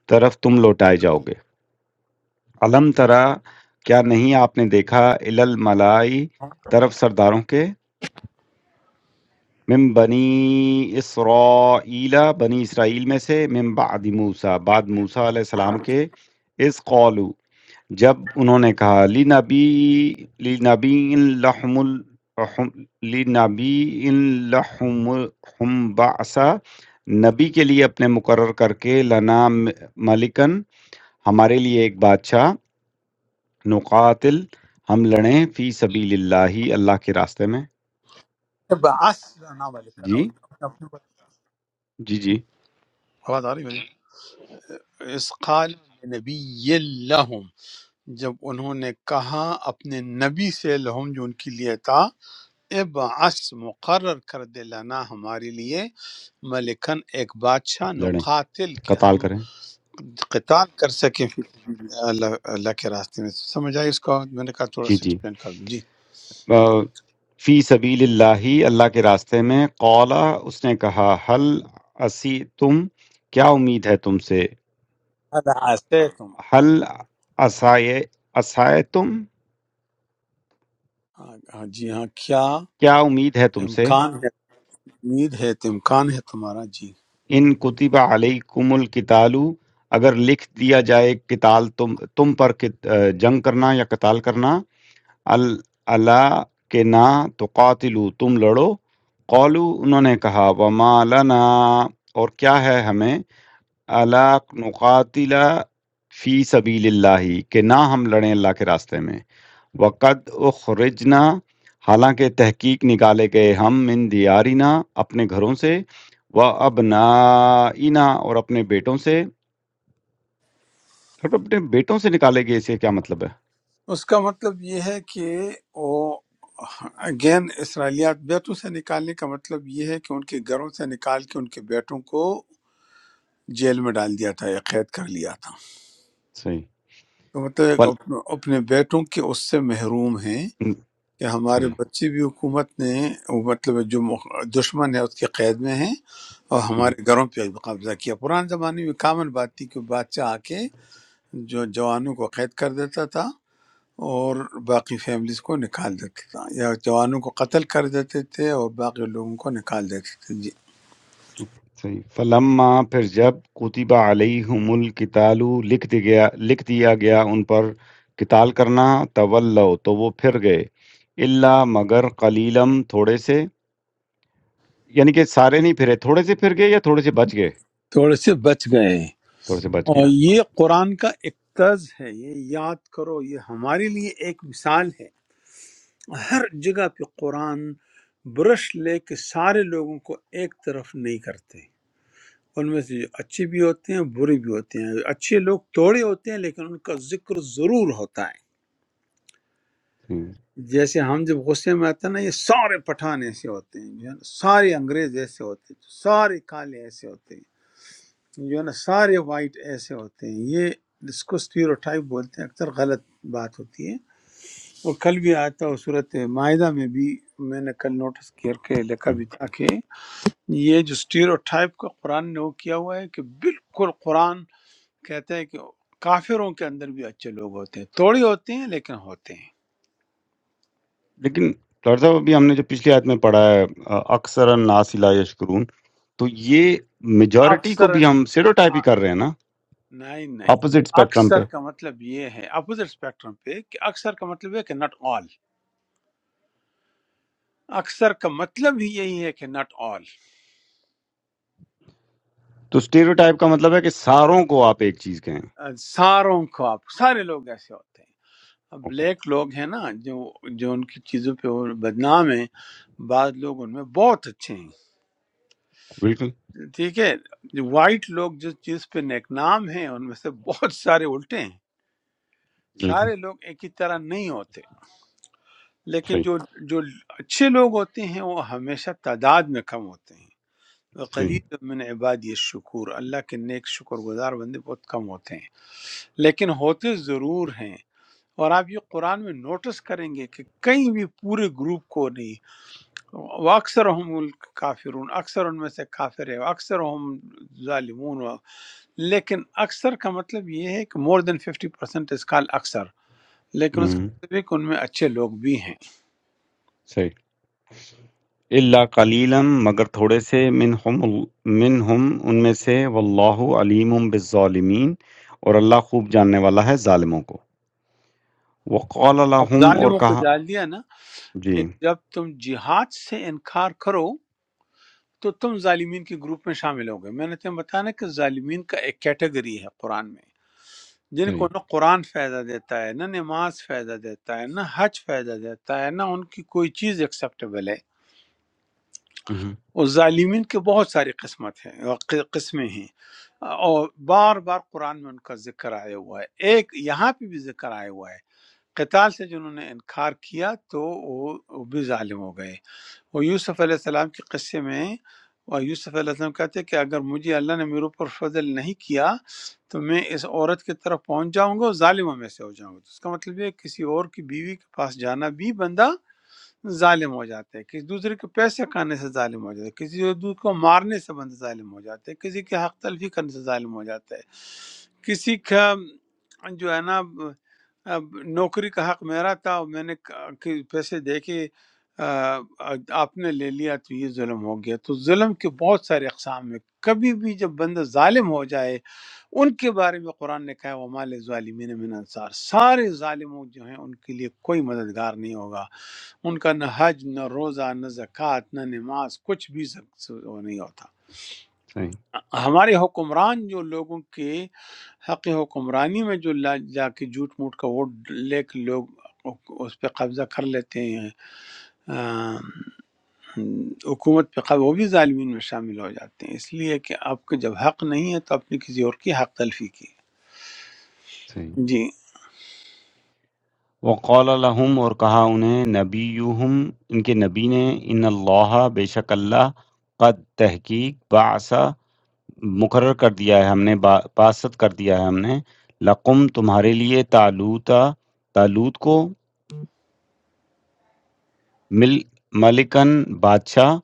Speaker 6: طرف تم لوٹائے جاؤ گے علم ترا کیا نہیں آپ نے دیکھا الالملائی طرف سرداروں کے من بنی اسرائیل بنی اسرائیل میں سے من بعد موسیٰ بعد موسیٰ علیہ السلام کے اس قولو جب انہوں نے کہا لنبی لنبی لحم ال حم- لنبی لحم حم بعثا نبی کے لیے اپنے مقرر کر کے لنا م- ملکن ہمارے لیے ایک بادشاہ نقاتل ہم لڑیں فی سبیل اللہ اللہ کے راستے میں
Speaker 1: بعث نام لکھنا اس
Speaker 6: جی
Speaker 1: کا مطلب-
Speaker 6: جی جی
Speaker 1: آواز آ رہی ہے اس قال نبی لہم جب انہوں نے کہا اپنے نبی سے لہم جو ان کے لیے تھا ابعث مقرر کر دے لنا ہمارے لیے ملکن ایک بادشاہ
Speaker 6: لڑیں
Speaker 1: نقاتل کہ
Speaker 6: قتال
Speaker 1: ہم
Speaker 6: کریں
Speaker 1: قتال کر سکیں فی سبیل اللہ اللہ کے راستے میں سمجھ آئی اس کو میں نے کہا تھوڑا
Speaker 6: جی
Speaker 1: سا
Speaker 6: جی
Speaker 1: ایکسپلین کر دوں جی
Speaker 6: آ، فی سبیل اللہ اللہ کے راستے میں قولا اس نے کہا حل اسی تم کیا امید ہے تم سے
Speaker 1: هل عسیتم؟
Speaker 6: حل اسائے اسائے تم
Speaker 1: ہاں ہاں، جی ہاں کیا
Speaker 6: کیا امید ہے تم سے
Speaker 1: امکان ہے امید ہے تو امکان ہے تمہارا جی
Speaker 6: ان کتب علیکم القتالو اگر لکھ دیا جائے قتال تم تم پر کت- آ، جنگ کرنا یا قتال کرنا ال- اللہ کہ نہ تو قاتلو تم لڑو قولو انہوں نے کہا وما لنا اور کیا ہے ہمیں الا نقاتل فی سبیل اللہ کہ نہ ہم لڑیں اللہ کے راستے میں وقد اخرجنا حالانکہ تحقیق نکالے گئے ہم من دیارنا اپنے گھروں سے و ابنائنا اور اپنے بیٹوں سے اور اپنے بیٹوں سے نکالے گئے اسے کیا مطلب ہے
Speaker 1: اس کا مطلب یہ ہے کہ وہ اگین اسرائیلیات بیٹوں سے نکالنے کا مطلب یہ ہے کہ ان کے گھروں سے نکال کے ان کے بیٹوں کو جیل میں ڈال دیا تھا یا قید کر لیا تھا
Speaker 6: صحیح
Speaker 1: تو مطلب ایک
Speaker 6: فل
Speaker 1: اپنے اپنے بیٹوں کے اس سے محروم ہیں کہ ہمارے
Speaker 6: صحیح
Speaker 1: بچے بھی حکومت نے وہ مطلب جو مخ- دشمن ہے اس کے قید میں ہیں اور ہمارے گھروں پہ قبضہ کیا پرانے زمانے میں کامن بات تھی کہ بادشاہ آ کے جو جوانوں کو قید کر دیتا تھا اور باقی فیملیز کو نکال دیتے تھا یا جوانوں کو قتل کر دیتے تھے اور باقی لوگوں کو نکال دیتے تھے جی
Speaker 6: صحیح فلما پھر جب کتب علیہم القتال لکھ دی گیا لکھ دیا گیا ان پر قتال کرنا تولو تو وہ پھر گئے اللہ مگر قلیلم تھوڑے سے یعنی کہ سارے نہیں پھرے تھوڑے سے پھر گئے یا تھوڑے سے بچ گئے
Speaker 1: تھوڑے سے بچ گئے
Speaker 6: تھوڑے سے بچ گئے
Speaker 1: اور یہ قرآن کا ایک طرز ہے یہ یاد کرو یہ ہمارے لیے ایک مثال ہے ہر جگہ پہ قرآن برش لے کے سارے لوگوں کو ایک طرف نہیں کرتے ان میں سے جو اچھے بھی ہوتے ہیں برے بھی ہوتے ہیں اچھے لوگ توڑے ہوتے ہیں لیکن ان کا ذکر ضرور ہوتا ہے
Speaker 6: ہوں،
Speaker 1: جیسے ہم جب غصے میں آتے ہیں نا یہ سارے پٹھان ایسے ہوتے ہیں جو ہے نا سارے انگریز ایسے ہوتے ہیں سارے کالے ایسے ہوتے ہیں جو ہے نا سارے وائٹ ایسے ہوتے ہیں یہ اس کو اسٹیریوٹائپ بولتے ہیں اکثر غلط بات ہوتی ہے وہ کل بھی آیا تھا وہ صورت معاہدہ میں بھی میں نے کل نوٹس کر کے لکھا
Speaker 6: ہوں۔
Speaker 1: بھی تھا کہ یہ جو اسٹیریوٹائپ کا قرآن نے وہ کیا ہوا ہے کہ بالکل قرآن کہتا ہے کہ کافروں کے اندر بھی اچھے لوگ ہوتے ہیں تھوڑے ہوتے ہیں لیکن ہوتے ہیں
Speaker 6: لیکن ڈاکٹر صاحب ابھی ہم نے جو پچھلی آیت میں پڑھا ہے اکثر الناس لا یشکرون تو یہ میجورٹی کو بھی
Speaker 1: اکثر
Speaker 6: ہم سیروٹائپ ہی کر رہے ہیں نا
Speaker 1: نہیں نہیں
Speaker 6: اپوزٹ اسپیکٹرم
Speaker 1: اکثر
Speaker 6: پہ
Speaker 1: کا مطلب یہ ہے اپوزٹ اسپیکٹرم پہ کہ اکثر کا مطلب ہے کہ ناٹ آل اکثر کا مطلب ہی یہی ہے کہ ناٹ آل
Speaker 6: تو اسٹیریوٹائپ کا مطلب ہے کہ ساروں کو آپ ایک چیز کہیں
Speaker 1: ساروں کو آپ سارے لوگ ایسے ہوتے ہیں اب بلیک لوگ ہیں نا جو جو ان کی چیزوں پہ وہ بدنام ہیں بعض لوگ ان میں بہت اچھے ہیں
Speaker 6: بالکل
Speaker 1: ٹھیک ہے وائٹ لوگ جس چیز پہ نیک نام ہیں ان میں سے بہت سارے الٹے ہیں
Speaker 6: بالکل
Speaker 1: سارے لوگ ایک ہی طرح نہیں ہوتے لیکن
Speaker 6: صحیح
Speaker 1: جو جو اچھے لوگ ہوتے ہیں وہ ہمیشہ تعداد میں کم ہوتے ہیں
Speaker 6: صحیح
Speaker 1: قلیل من عبادی الشکور اللہ کے نیک شکر گزار بندے بہت کم ہوتے ہیں لیکن ہوتے ضرور ہیں اور آپ یہ قرآن میں نوٹس کریں گے کہ کہیں بھی پورے گروپ کو نہیں وہ اکثر ہم کافرون اکثر ان میں سے کافر ہے اکثر ہم ظالمون و- لیکن اکثر کا مطلب یہ ہے کہ مور دین ففٹی پرسینٹ از کال اکثر لیکن اس کا
Speaker 6: ہوں
Speaker 1: مطلب یہ کہ ان میں اچھے لوگ بھی ہیں
Speaker 6: صحیح اللہ قلیلا مگر تھوڑے سے منہم منہم ان میں سے واللہ علیم بالظالمین اور اللہ خوب جاننے والا ہے ظالموں کو وقال
Speaker 1: اب
Speaker 6: لهم اور
Speaker 1: ظالموں کو
Speaker 6: کہا
Speaker 1: ڈال دیا نا کہ
Speaker 6: جی
Speaker 1: جب تم جہاد سے انکار کرو تو تم ظالمین کے گروپ میں شامل ہو گئے میں نے تمہیں بتایا کہ ظالمین کا ایک کیٹیگری ہے قرآن میں جن
Speaker 6: صحیح
Speaker 1: کو نہ قرآن فائدہ دیتا ہے نہ نماز فائدہ دیتا ہے نہ حج فائدہ دیتا ہے نہ ان کی کوئی چیز ایکسیپٹیبل ہے
Speaker 6: ہوں
Speaker 1: اور ظالمین کے بہت ساری قسمت ہیں قسمیں ہیں اور بار بار قرآن میں ان کا ذکر آیا ہوا ہے ایک یہاں پہ بھی ذکر آیا ہوا ہے قتال سے جنہوں نے انکار کیا تو وہ وہ بھی ظالم ہو گئے وہ یوسف علیہ السلام کے قصے میں اور یوسف علیہ السلام کہتے ہیں کہ اگر مجھے اللہ نے میرے اوپر فضل نہیں کیا تو میں اس عورت کی طرف پہنچ جاؤں گا اور ظالموں میں سے ہو جاؤں گا تو اس کا مطلب یہ ہے کہ کسی اور کی بیوی کے پاس جانا بھی بندہ ظالم ہو جاتا ہے کسی دوسرے کے پیسے کھانے سے ظالم ہو جاتا ہے کسی اور دوسرے کو مارنے سے بندہ ظالم ہو جاتا ہے کسی کے حق تلفی کرنے سے ظالم ہو جاتا ہے کسی کا جو ہے نا اب نوکری کا حق میرا تھا اور میں نے ک- کہ پیسے دے کے آ، آپ نے لے لیا تو یہ ظلم ہو گیا تو ظلم کے بہت سارے اقسام ہیں کبھی بھی جب بندہ ظالم ہو جائے ان کے بارے میں قرآن نے کہا وما ظالمین من انصار سارے ظالموں جو ہیں ان کے لیے کوئی مددگار نہیں ہوگا ان کا نہ حج نہ روزہ نہ زکوٰۃ نہ نماز کچھ بھی زک- وہ نہیں ہوتا
Speaker 6: صحیح
Speaker 1: ہمارے حکمران جو لوگوں کے حق حکمرانی میں جو لا جا کے جھوٹ موٹ کا ووٹ لے کے لوگ اس پہ قبضہ کر لیتے ہیں حکومت پہ قبض وہ بھی ظالمین میں شامل ہو جاتے ہیں اس لیے کہ آپ کو جب حق نہیں ہے تو آپ نے کسی اور کی حق تلفی کی
Speaker 6: صحیح
Speaker 1: جی
Speaker 6: وقال لهم اور کہا انہیں نبیہم ان کے نبی نے ان اللہ بے شک اللہ قد تحقیق بعث مقرر کر دیا ہے ہم نے با باسط کر دیا ہے ہم نے لَقُم تمہارے لیے طالوتا طالوت کو مل مَلِکًا بادشاہ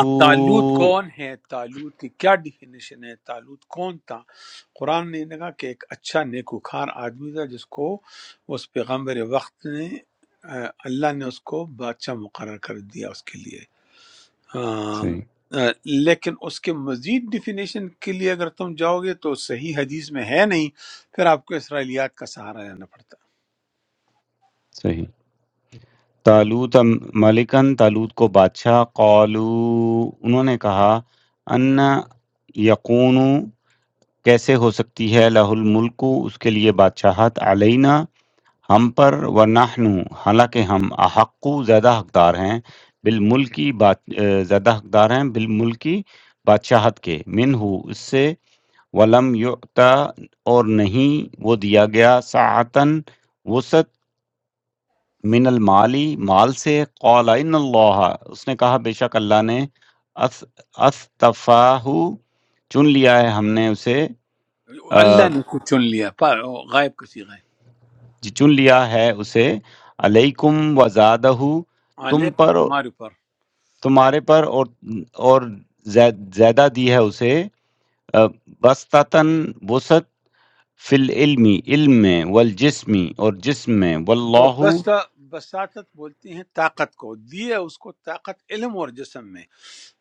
Speaker 1: اب تالوت کون ہے تالوت کی کیا ڈیفینیشن ہے تالوت کون تھا قرآن نے کہا کہ ایک اچھا نیکوکار آدمی تھا جس کو اس پیغمبر وقت نے آ، اللہ نے اس کو بادشاہ مقرر کر دیا اس کے لیے آ،
Speaker 6: صحیح
Speaker 1: آ، لیکن اس کے مزید ڈیفینیشن کے لیے اگر تم جاؤ گے تو صحیح حدیث میں ہے نہیں پھر آپ کو اسرائیلیات کا سہارا لینا پڑتا ہے
Speaker 6: صحیح طالوت ملکن طالوت کو بادشاہ قالو انہوں نے کہا ان یقون کیسے ہو سکتی ہے لہ الملک اس کے لیے بادشاہت علینا ہم پر ونحن حالانکہ ہم احق زیادہ حقدار ہیں بالملکی بات اے، زیادہ حقدار ہیں بالملکی بادشاہت کے منہ اس سے ولم یعطا اور نہیں وہ دیا گیا ساعتن وسط من المالی مال سے قال ان اللہ اس نے کہا بے شک اللہ نے اص- اصطفاہ چن لیا ہے ہم نے اسے آ،
Speaker 1: اللہ نے کو چن لیا پا- غائب کو سیغہ ہے
Speaker 6: چن لیا ہے اسے علیکم وزادہ تم
Speaker 1: علیکم
Speaker 6: پر
Speaker 1: تمہارے اوپر
Speaker 6: تمہارے پر اور اور زیاد- زیادہ دی ہے اسے بستتاً وسط فی العلمی علم میں والجسمی اور جسم میں
Speaker 1: تو
Speaker 6: واللہ
Speaker 1: بس بساتت بولتی ہیں طاقت کو دیے اس کو طاقت علم اور جسم میں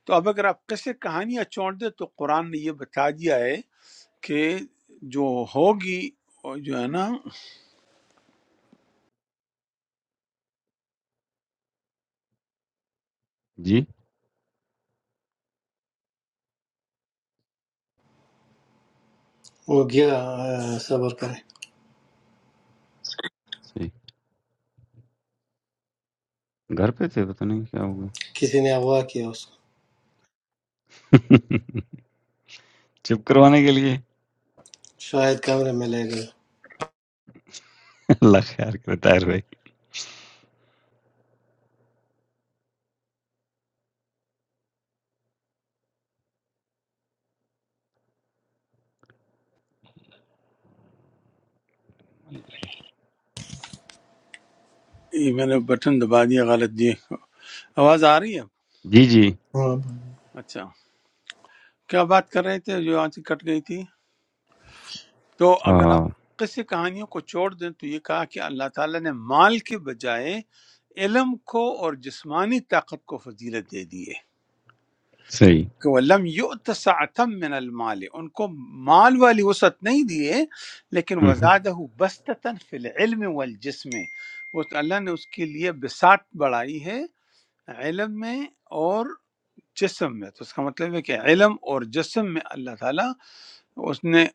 Speaker 1: تو اب اگر آپ قصے کہانیاں چھوڑ دیں تو قرآن نے یہ بتا دیا ہے کہ جو ہوگی وہ جو ہے نا
Speaker 6: جی
Speaker 5: Mujya sabar karay.
Speaker 6: صحیح گھر پہ تھے پتہ نہیں کیا ہوگا
Speaker 5: Kisi ne awa kia us.
Speaker 6: چپ کروانے کے لیے
Speaker 5: Shayad kamre mein lagay.
Speaker 6: اللہ خیر کرے طاہر بھائی
Speaker 1: یہ میں نے بٹن دبا دیا غلط دیے آواز آ رہی ہے
Speaker 6: جی جی
Speaker 2: ہاں
Speaker 1: اچھا کیا بات کر رہے تھے جو آنچ کٹ گئی تھی تو
Speaker 6: آ،
Speaker 1: اگر آپ قصے کہانیوں کو چھوڑ دیں تو یہ کہا کہ اللہ تعالیٰ نے مال کے بجائے علم کو اور جسمانی طاقت کو فضیلت دے دی ہے
Speaker 6: صحیح
Speaker 1: کہ ولم یؤت سعتم من المال ان کو مال والی وسعت نہیں دیے لیکن
Speaker 6: ہم،
Speaker 1: وزادہ بستتن فی العلم والجسم وہ تو اللہ نے اس کے لیے بساط بڑھائی ہے علم میں اور جسم میں تو اس کا مطلب ہے کہ علم اور جسم میں اللہ تعالیٰ اس نے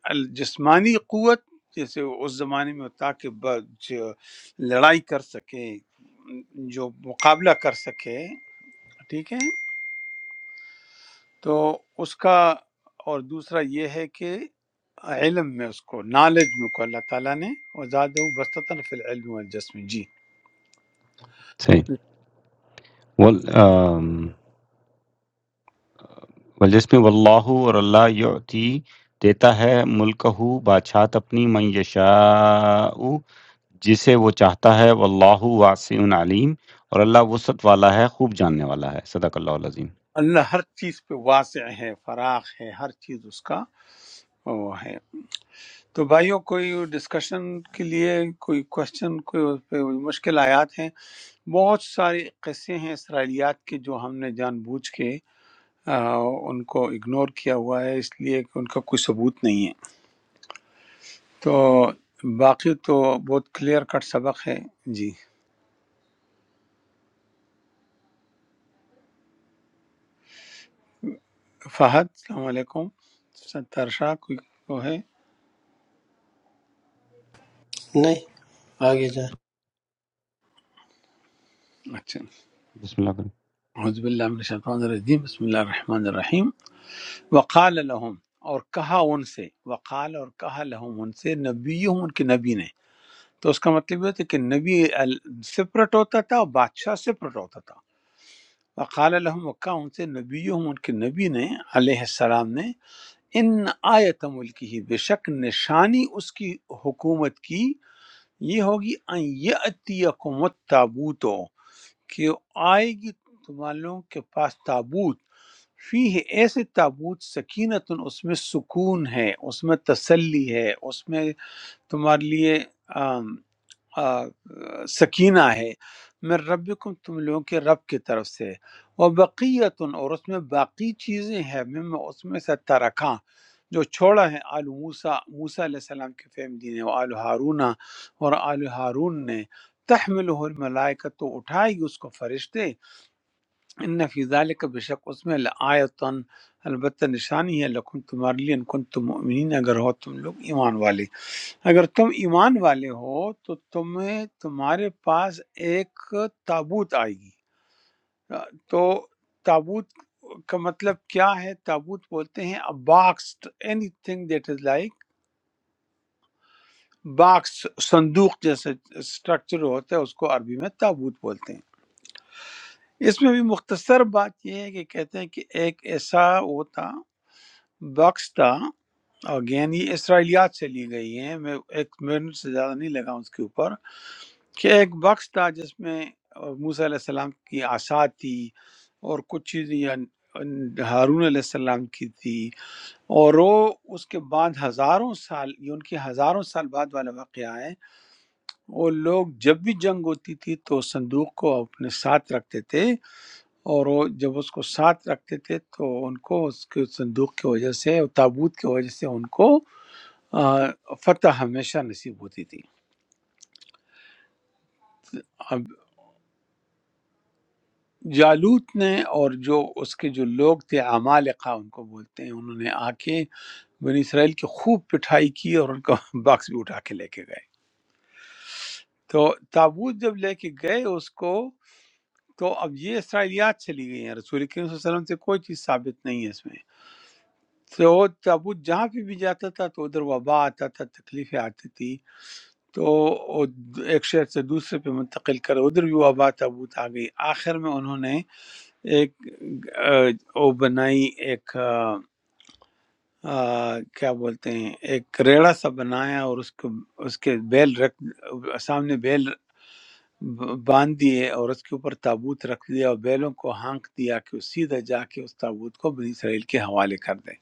Speaker 1: جسمانی قوت جیسے اس زمانے میں ہوتا کہ ب- جو لڑائی کر سکے جو مقابلہ کر سکے ٹھیک ہے تو اس کا اور دوسرا یہ ہے کہ علم میں اس کو نالج میں کو اللہ تعالیٰ نے وزاد بستتاً فی العلم والجسم جی
Speaker 6: صحیح وال آم، والجسم واللہ اور اللہ یعطی دیتا ہے ملکہ بادشاہت اپنی من یشاء جسے وہ چاہتا ہے واللہ واسع علیم اور اللہ وسعت والا ہے خوب جاننے والا ہے صدق اللہ العظیم
Speaker 1: اللہ ہر چیز پہ واسع ہے فراخ ہے ہر چیز اس کا وہ ہے تو بھائیوں کوئی ڈسکشن کے لیے کوئی کوشچن کوئی اس پہ مشکل آیات ہیں بہت سارے قصے ہیں اسرائیلیات کے جو ہم نے جان بوجھ کے آ، ان کو اگنور کیا ہوا ہے اس لیے کہ ان کا کوئی ثبوت نہیں ہے تو باقی تو بہت کلیئر کٹ سبق ہے جی فہد السلام علیکم ستار شاہ کوئی کو ہے
Speaker 5: Nay. Aage ja.
Speaker 1: اچھا
Speaker 6: بسم اللہ کریں
Speaker 1: حضب اللہ من الشیطان الرجیم بسم اللہ الرحمن الرحیم وقال لهم اور کہا ان سے وقال اور کہا لهم ان سے نبیہم ان کے نبی نے تو اس کا مطلب یہ ہوتا ہے کہ نبی سپرٹ ہوتا تھا اور بادشاہ سپرٹ ہوتا تھا وقال لهم وقع ان سے نبیہم ان کے نبی نے علیہ السلام نے ان آیت ملکی بے شک نشانی اس کی حکومت کی یہ ہوگی ان یأتیکم التابوت کہ آئے گی تم والوں کے پاس تابوت فی ہے ایسے تابوت سکینت اس میں سکون ہے اس میں تسلی ہے اس میں تمہارے لیے آم، آ، سکینہ ہے میں ربکم تم لوگوں کے رب کی طرف سے وہ بقیتن اور اس میں باقی چیزیں ہیں مما اس میں سے ترکاں جو چھوڑا ہے آل موسیٰ موسیٰ علیہ السلام کے فیملی نے وہ آل ہارون اور آل ہارون نے تحمل الملائکہ تو اٹھائے گی اس کو فرشتے ان فی ذالک بے شک اس میں لآیتن البتہ نشانی ہے لکم تمہارے لیے ان کن تم مؤمنین اگر ہو تم لوگ ایمان والے اگر تم ایمان والے ہو تو تمہیں تمہارے پاس ایک تابوت آئے گی آ، تو تابوت کا مطلب کیا ہے تابوت بولتے ہیں box anything that is like box صندوق جیسے اسٹرکچر ہوتا ہے اس کو عربی میں تابوت بولتے ہیں اس میں بھی مختصر بات یہ ہے کہ کہتے ہیں کہ ایک ایسا وہ تھا باکس تھا اگین یہ اسرائیلیات سے لی گئی ہے میں ایک منٹ سے زیادہ نہیں لگا اس کے اوپر کہ ایک بکس تھا جس میں موسیٰ علیہ السلام کی آسا تھی اور کچھ چیزیں یا ہارون علیہ السلام کی تھی اور وہ اس کے بعد ہزاروں سال یہ ان کی ہزاروں سال بعد والا واقعہ ہے وہ لوگ جب بھی جنگ ہوتی تھی تو اس صندوق کو اپنے ساتھ رکھتے تھے اور وہ جب اس کو ساتھ رکھتے تھے تو ان کو اس کے صندوق کی وجہ سے تابوت کی وجہ سے ان کو آ، فتح ہمیشہ نصیب ہوتی تھی اب جالوت نے اور جو اس کے جو لوگ تھے عمالقہ ان کو بولتے ہیں انہوں نے آ کے بنی اسرائیل کی خوب پٹھائی کی اور ان کا باکس بھی اٹھا کے لے کے گئے تو تابوت جب لے کے گئے اس کو تو اب یہ اسرائیلیات چلی گئی ہیں رسول کریم صلی اللہ علیہ وسلم سے کوئی چیز ثابت نہیں ہے اس میں تو تابوت جہاں پہ بھی جاتا تھا تو ادھر وبا آتا تھا تکلیفیں آتی تھی تو وہ ایک شہر سے دوسرے پہ منتقل کر ادھر بھی وبا تابوت آ گئی آخر میں انہوں نے ایک آہ، وہ بنائی ایک آہ، آہ، کیا بولتے ہیں ایک ریڑا سا بنایا اور اس کو اس کے بیل رکھ سامنے بیل باندھ دیے اور اس کے اوپر تابوت رکھ دیا اور بیلوں کو ہانک دیا کہ وہ سیدھا جا کے اس تابوت کو بنی اسرائیل کے حوالے کر دیں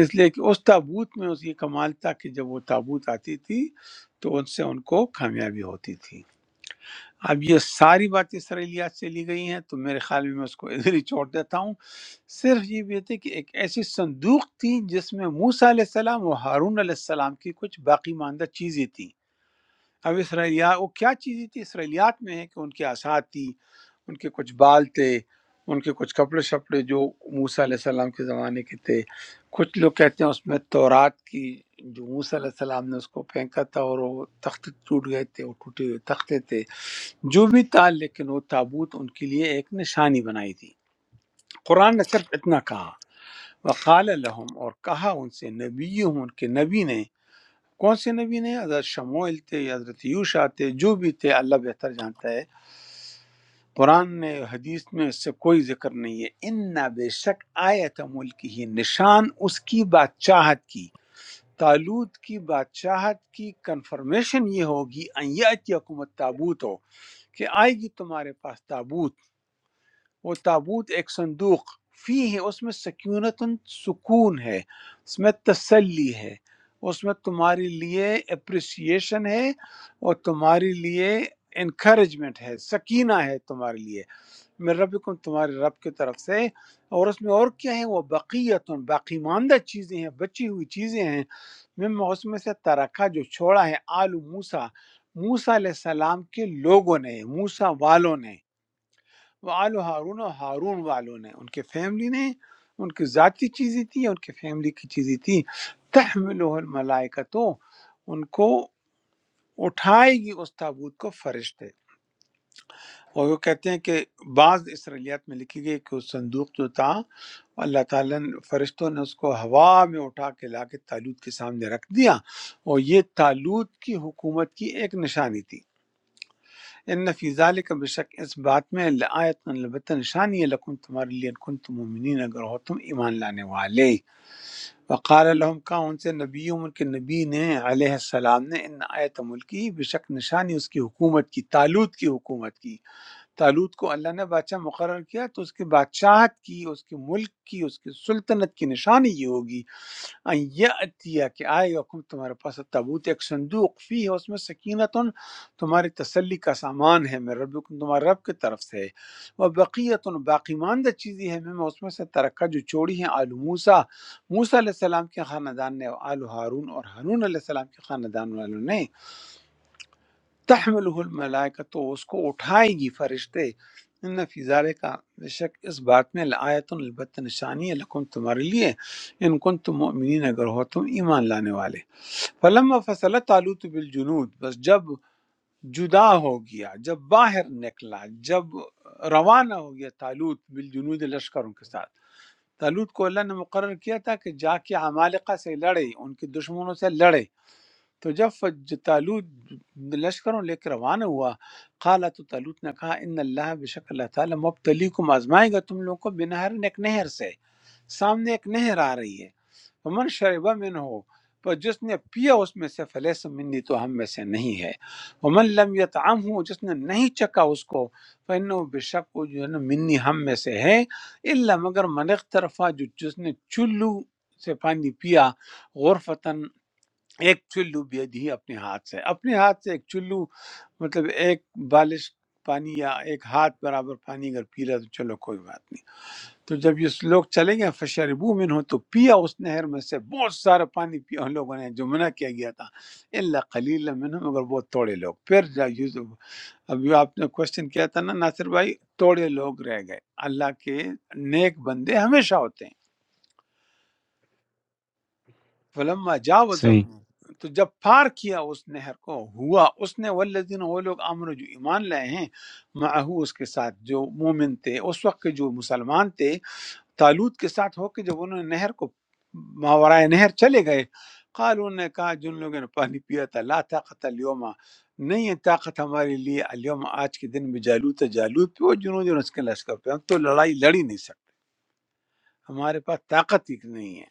Speaker 1: اس لیے کہ اس تابوت میں اس یہ کمال تھا کہ جب وہ تابوت آتی تھی تو ان سے ان کو کامیابی ہوتی تھی اب یہ ساری باتیں اسرائیلیات سے لی گئی ہیں تو میرے خیال میں میں اس کو ادھر ہی چھوڑ دیتا ہوں صرف یہ بات ہے کہ ایک ایسی صندوق تھی جس میں موسیٰ علیہ السلام اور ہارون علیہ السلام کی کچھ باقی ماندہ چیزیں تھیں اب اسرائیلیات وہ کیا چیزیں تھیں اسرائیلیات میں ہے کہ ان کے آسات تھی ان کے کچھ بال تھے ان کے کچھ کپڑے شپڑے جو موسیٰ علیہ السلام کے زمانے کے تھے کچھ لوگ کہتے ہیں اس میں تورات کی جو موسیٰ علیہ السلام نے اس کو پھینکا تھا اور وہ تخت ٹوٹ گئے تھے وہ ٹوٹے ہوئے تختے تھے جو بھی تھا لیکن وہ تابوت ان کے لیے ایک نشانی بنائی تھی قرآن نے صرف اتنا کہا وقال لهم اور کہا ان سے نبی ان کے نبی نے کون سے نبی نے حضرت شموئل تھے یا حضرت یوشا تھے جو بھی تھے اللہ بہتر جانتا ہے قرآن نے حدیث میں اس سے کوئی ذکر نہیں ہے ان بے شک آیت ملک ہی نشان اس کی بادشاہت کی تالوت کی بادشاہت کی کنفرمیشن یہ ہوگی ان یأتیکم التابوت ہو کہ آئے گی تمہارے پاس تابوت وہ تابوت ایک صندوق فی ہے اس میں سکونتن سکون ہے اس میں تسلی ہے اس میں تمہارے لیے اپریسیشن ہے اور تمہارے لیے انکریجمنٹ ہے سکینہ ہے تمہارے لیے میرے ربکم تمہارے رب کی طرف سے اور اس میں اور کیا ہے وہ بقیت باقی ماندہ چیزیں ہیں بچی ہوئی چیزیں ہیں مما اس میں سے ترکھا جو چھوڑا ہے آل موسیٰ موسیٰ علیہ السلام کے لوگوں نے موسیٰ والوں نے وہ آل و ہارون اور ہارون والوں نے ان کے فیملی نے ان کی ذاتی چیزیں تھیں ان کے فیملی کی چیزیں تھیں تحملہ الملائکہ تو ان کو اٹھائے گی اس تابوت کو فرشتے اور وہ کہتے ہیں کہ بعض اسرائیلیات میں لکھی گئی کہ وہ صندوق جو تھا اللہ تعالیٰ نے فرشتوں نے اس کو ہوا میں اٹھا کے لا کے تالوت کے سامنے رکھ دیا اور یہ تالوت کی حکومت کی ایک نشانی تھی ان فی ذالک بے شک اس بات میں لآیت البتہ نشانی ہے لکم تمہارے لیے ان کنتم مومنین اگر ہو تم ایمان لانے والے وقال لهم کہا ان سے نبیوں ان کے نبی نے علیہ السلام نے ان آیت ملکی بے شک نشانی اس کی حکومت کی تالوت کی حکومت کی تالوت کو اللہ نے بادشاہ مقرر کیا تو اس کی بادشاہت کی اس کے ملک کی اس کی سلطنت کی نشانی یہ ہوگی ان یاتیہ کہ آئے حکم تمہارے پاس تابوت ایک صندوق فی ہے اس میں سکینتن تمہاری تسلی کا سامان ہے میں رب تمہارے رب کی طرف سے وہ بقیتن باقی ماندہ چیزیں ہیں میں اس میں سے ترکہ جو چوڑی ہیں آل موسیٰ موسیٰ علیہ السلام کے خاندان نے آل ہارون اور ہارون علیہ السلام کے خاندان والوں نے تحملہ الملائکہ تو اس کو اٹھائے گی فرشتے ان فی کا بے شک اس بات میں لآیت البتہ نشانی ہے لکم تمہارے لیے ان کن تم مؤمنین اگر ہو تم ایمان لانے والے فلما فصل طالوت بالجنود بس جب جدا ہو گیا جب باہر نکلا جب روانہ ہو گیا طالوت بالجنود لشکروں کے ساتھ طالوت کو اللہ نے مقرر کیا تھا کہ جا کے عمالقہ سے لڑے ان کے دشمنوں سے لڑے تو جب فج- طالوت لشکروں لے کے روانہ ہوا قالا تو طالوت نے کہا ان اللہ بشک اللہ تعالیٰ مبتلیکم آزمائے گا تم لوگوں کو بنہر ایک نہر سے سامنے ایک نہر آ رہی ہے فمن شربہ من ہو پر جس نے پیا اس میں سے فلیس منی تو ہم میں سے نہیں ہے ومن لم یطعم ہو جس نے نہیں چکا اس کو فن بے شک وہ جو ہے نا منی ہم میں سے ہے اللہ مگر من طرفہ جو جس نے چلو سے پانی پیا غرفتن، ایک چلو بھی اپنے ہاتھ سے اپنے ہاتھ سے ایک چلو مطلب ایک بالش پانی یا ایک ہاتھ برابر پانی اگر پی رہا تو چلو کوئی بات نہیں تو جب یہ لوگ چلے گئے فشربو من ہو تو پیا اس نہر میں سے بہت سارا پانی پیا ان لوگوں نے جو منع کیا گیا تھا اللہ قلیل منہم مگر بہت توڑے لوگ پھر جا یوسف ابھی آپ نے کوشچن کیا تھا نا ناصر بھائی توڑے لوگ رہ گئے اللہ کے نیک بندے ہمیشہ ہوتے ہیں فلما جاوزہ
Speaker 6: صحیح
Speaker 1: تو جب پار کیا اس نہر کو ہوا اس نے والذین وہ لوگ امن جو ایمان لائے ہیں معہو اس کے ساتھ جو مومن تھے اس وقت کے جو مسلمان تھے تالوت کے ساتھ ہو کے جب انہوں نے نہر کو ماورائے نہر چلے گئے قالوا انہوں نے کہا جن لوگوں نے پانی پیا تھا لا طاقت الیوم نہیں ہے طاقت ہمارے لیے الیوم آج کے دن میں جالوت ہے جالوت پہ وہ جنوں جنوں اس کے لشکر پہ ہم تو لڑائی لڑ ہی نہیں سکتے ہمارے پاس طاقت ہی نہیں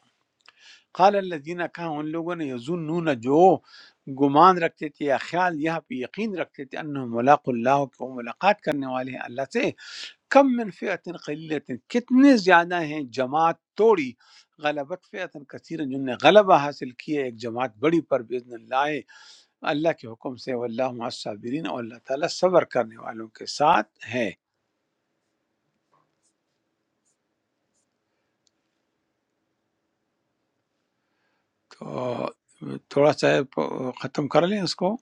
Speaker 1: قال الذین کہا ان لوگوں نے یظنون جو گمان رکھتے تھے یا خیال یہاں پہ یقین رکھتے تھے انہم ملاق اللہ کہ وہ ملاقات کرنے والے ہیں اللہ سے کم من فئت قلیلت کتنے زیادہ ہیں جماعت توڑی غلبت فئت کثیر جن نے غلبہ حاصل کیا ایک جماعت بڑی پر باذن اللہ اللہ کے حکم سے واللہ مع الصابرین اور اللہ تعالیٰ صبر کرنے والوں کے ساتھ ہے تو تھوڑا سا ختم کر لیں اس کو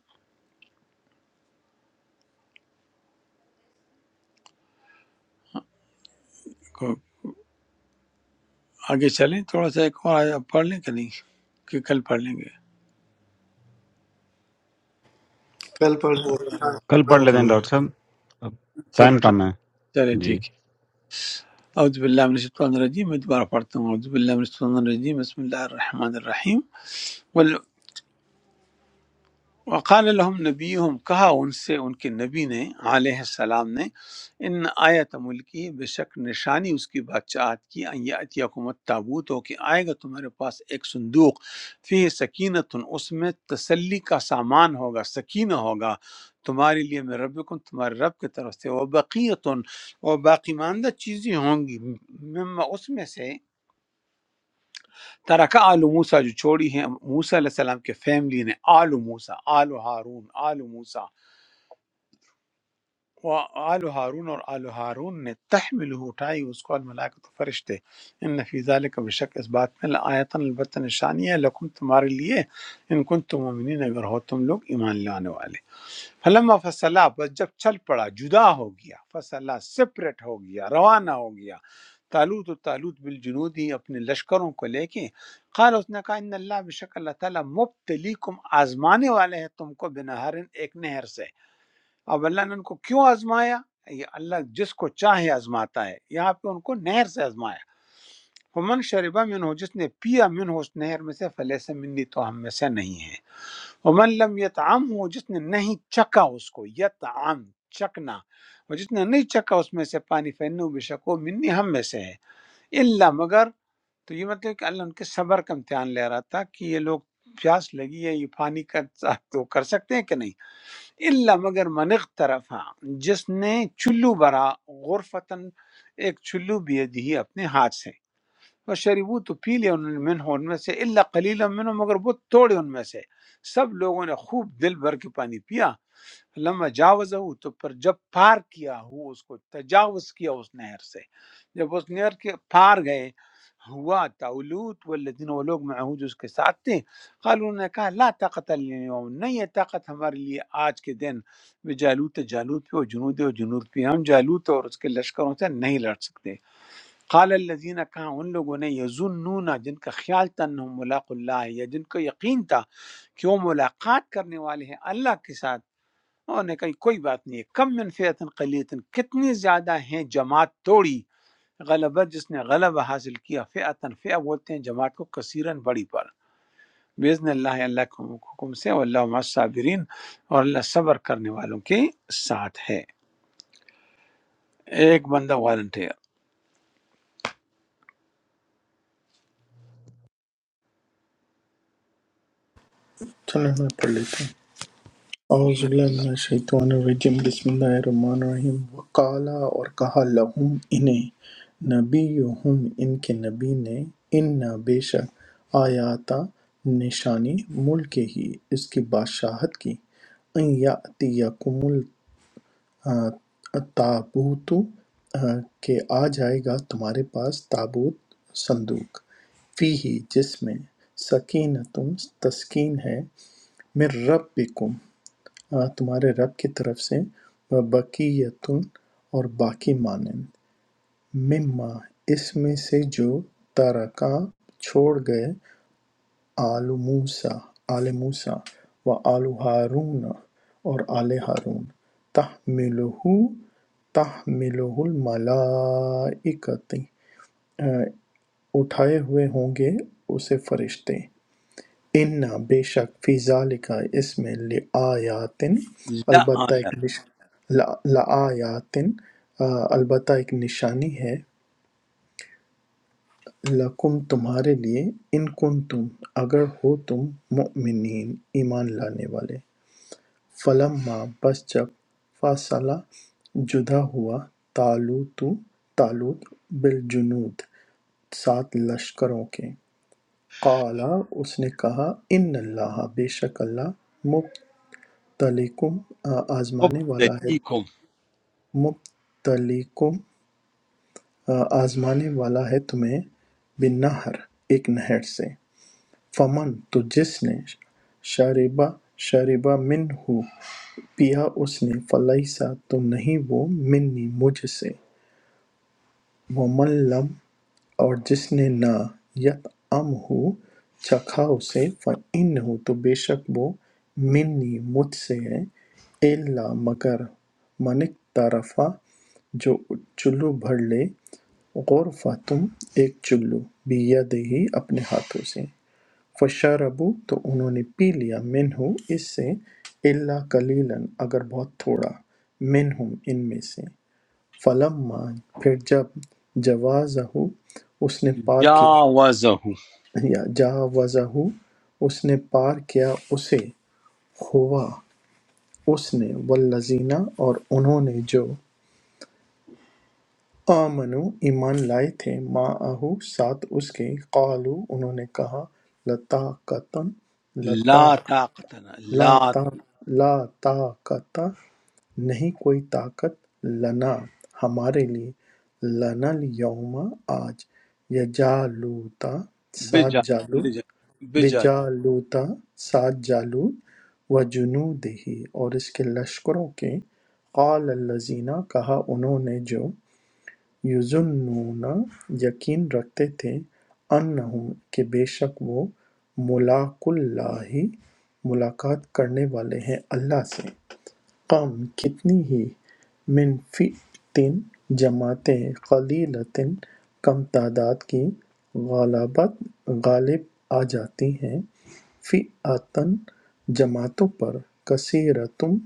Speaker 1: آگے چلیں تھوڑا سا ایک اور آیت پڑھ لیں کہ نہیں کہ کل پڑھ لیں گے
Speaker 5: Kali purshon
Speaker 6: کل پڑھ
Speaker 5: kam
Speaker 6: لیتے ہیں
Speaker 5: kam hai.
Speaker 6: ڈاکٹر صاحب اب
Speaker 1: چلو
Speaker 6: ٹائم
Speaker 1: ٹھیک
Speaker 6: کم ہے
Speaker 1: چلے
Speaker 6: جی
Speaker 1: ٹھیک ہے اعوذ باللہ من الشیطان الرجیم میں دوبارہ پڑھتا ہوں اعوذ باللہ من الشیطان الرجیم بسم اللہ الرحمن الرحیم قل وقال لهم نبیہم کہا ان سے ان کے نبی نے علیہ السلام نے ان آیت ملکی بے شک نشانی اس کی بادشاہت کی ان یاتی حکومت تابوت ہو کہ آئے گا تمہارے پاس ایک صندوق فی سکینت اس میں تسلی کا سامان ہوگا سکینہ ہوگا تمہارے لیے میں ربکم تمہارے رب کی طرف سے وہ بقیتن اور باقی ماندہ چیزیں ہوں گی مما اس میں سے ترکہ آل موسیٰ جو چھوڑی ہیں موسیٰ علیہ السلام کے فیملی نے آل موسیٰ آل ہارون آل موسیٰ وآل ہارون اور آل ہارون نے تحمل اٹھائی اس کو الملائکۃ فرشتے ان فی ذلک بشک اس بات میں لآیتن البتہ نشانی ہے لکم تمہارے لیے ان کن تم مومنین اگر ہو تم لوگ ایمان لانے والے فلما فصلا بس جب چل پڑا جدا ہو گیا فصلا سپریٹ ہو گیا روانہ ہو گیا تالوت و تالوت بالجنود ہی اپنے لشکروں کو لے کے قال اس نے کہا ان اللہ بشک اللہ تعالیٰ مبتلیکم آزمانے والے ہیں تم کو بنہرن ایک نہر سے اب اللہ نے ان کو کیوں آزمایا یہ اللہ جس کو چاہے آزماتا ہے یہاں پہ ان کو نہر سے آزمایا ومن شربا من ہو جس نے پیا من ہو اس نہر میں سے فلیس منی تو ہم میں سے نہیں ہے ومن لم یتعم ہو جس نے نہیں چکا اس کو یتعم چکنا اور جس نے نہیں چکا اس میں سے پانی فینو بے شکو منی ہم میں سے ہے اللہ مگر تو یہ مطلب کہ اللہ ان کے صبر کا امتحان لے رہا تھا کہ یہ لوگ پیاس لگی ہے یہ پانی کا تو کر سکتے ہیں کہ نہیں اللہ مگر من اقترفا جس نے چلو برا غرفتن ایک چلو بھی دی اپنے ہاتھ سے وہ شریبو تو پی لیا انہوں نے منہ ان میں سے اللہ قلیل منہ مگر بہت تھوڑے ان میں سے سب لوگوں نے خوب دل بھر کے پانی پیا لما جاوز ہو تو پر جب پار کیا ہو اس کو تجاوز کیا اس نہر سے جب اس نہر کے پار گئے ہوا تولوت والذین وہ لوگ معہود اس کے ساتھ تھے قالوا انہوں نے کہا لا طاقت الیوم نہیں ہے طاقت ہمارے لیے آج کے دن بجالوت جالوت پہ اور جنود اور جنود پہ ہم جالوت اور اس کے لشکروں سے نہیں لڑ سکتے قال الذین کہا ان لوگوں نے یظنون جن کا خیال تھا انہم ملاق اللہ ہے، یا جن کو یقین تھا کہ وہ ملاقات کرنے والے ہیں اللہ کے ساتھ اور نے کہا کوئی بات نہیں ہے کم من فیتن قلیتن کتنی زیادہ ہیں جماعت توڑی غلبہ جس نے غلبہ حاصل کیا فیعتن فیع بولتے ہیں جماعت کو کثیرن بڑی پر بیزن اللہ اللہ کے حکم سے واللہ مع الصابرین اور اللہ صبر کرنے والوں کے ساتھ ہے ایک بندہ والنٹیر
Speaker 2: چلیں میں پڑھ لیتا ہوں اعوذ باللہ
Speaker 1: لَعَنَ
Speaker 2: من الشیطان الرجیم بسم اللہ الرحمن الرحیم وقالا اور کہا لہم انہیں نبیہم ان کے نبی نے ان بے شک آیاتا نشانی ملک ہی اس کی بادشاہت کی ان یاتیکم التابوت کہ آ جائے گا تمہارے پاس تابوت صندوق فی ہی جس میں سکینتم تسکین ہے من ربکم آ, تمہارے رب کی طرف سے وَبَقِیَّةٌ اور باقی مانند مما اس میں سے جو ترکا چھوڑ گئے آل موسیٰ آل موسیٰ و آل ہارون اور آل ہارون تحملہ تحملہ الملائکتی اٹھائے ہوئے ہوں گے اسے فرشتے ان بے شک فی ذالک اس میں لآیاتن البتہ ایک نش... لا- لآیاتن آ، البتہ ایک نشانی ہے لکم تمہارے لیے ان کن تم اگر ہو تم مؤمنین ایمان لانے والے فلما بس جب فاصلہ جدا ہوا تالوت تالوت بالجنود سات لشکروں کے قالا اس نے کہا ان اللہ بے شک اللہ مبتلیکم آزمانے والا ہے
Speaker 1: مُبْتَلِيكُمْ
Speaker 2: مبتلیکم آزمانے والا ہے تمہیں بالنہر ایک نہر سے فمن تو جس نے شاربہ شاربہ من ہو پیا اس نے فلیسا تو نہیں وہ منی مجھ سے ومن لم اور جس نے نہ یت ام ہو چکھا اسے فن ہو تو بے شک وہ منی مجھ سے ہے اللہ مگر منک طرفہ جو چلو بھر لے غور فاتم ایک چلو بیا دہی اپنے ہاتھوں سے فشربو تو انہوں نے پی لیا منہ اس سے اللہ کلیلن اگر بہت تھوڑا منہم ان میں سے فلما پھر جب جوازہ اس نے پار کیا
Speaker 1: جَاوَزَهُ
Speaker 2: یا جاوزہ اس نے پار کیا اسے ہوا اس نے والذین اور انہوں نے جو آمنو ایمان لائے تھے معہو ساتھ اس کے قالو انہوں نے کہا لطاقتن لتا
Speaker 1: لا طاقت لنا
Speaker 2: لا
Speaker 1: لا
Speaker 2: تا لا طاقت نہیں کوئی طاقت لنا ہمارے لیے لنا الیوم آج یجالوتا ساتھ
Speaker 1: بجا
Speaker 2: جالوت
Speaker 1: بجا بجا
Speaker 2: بجالوتا ساتھ جالوت و جنودہی اور اس کے لشکروں کے قال الزینہ کہا انہوں نے جو یظنون یقین رکھتے تھے انہم کہ بے شک وہ ملاق اللہ ملاقات کرنے والے ہیں اللہ سے کم کتنی ہی من فئتن جماعتیں قلیلتن کم تعداد کی غالبت غالب آ جاتی ہیں فئاتن جماعتوں پر کثیرتم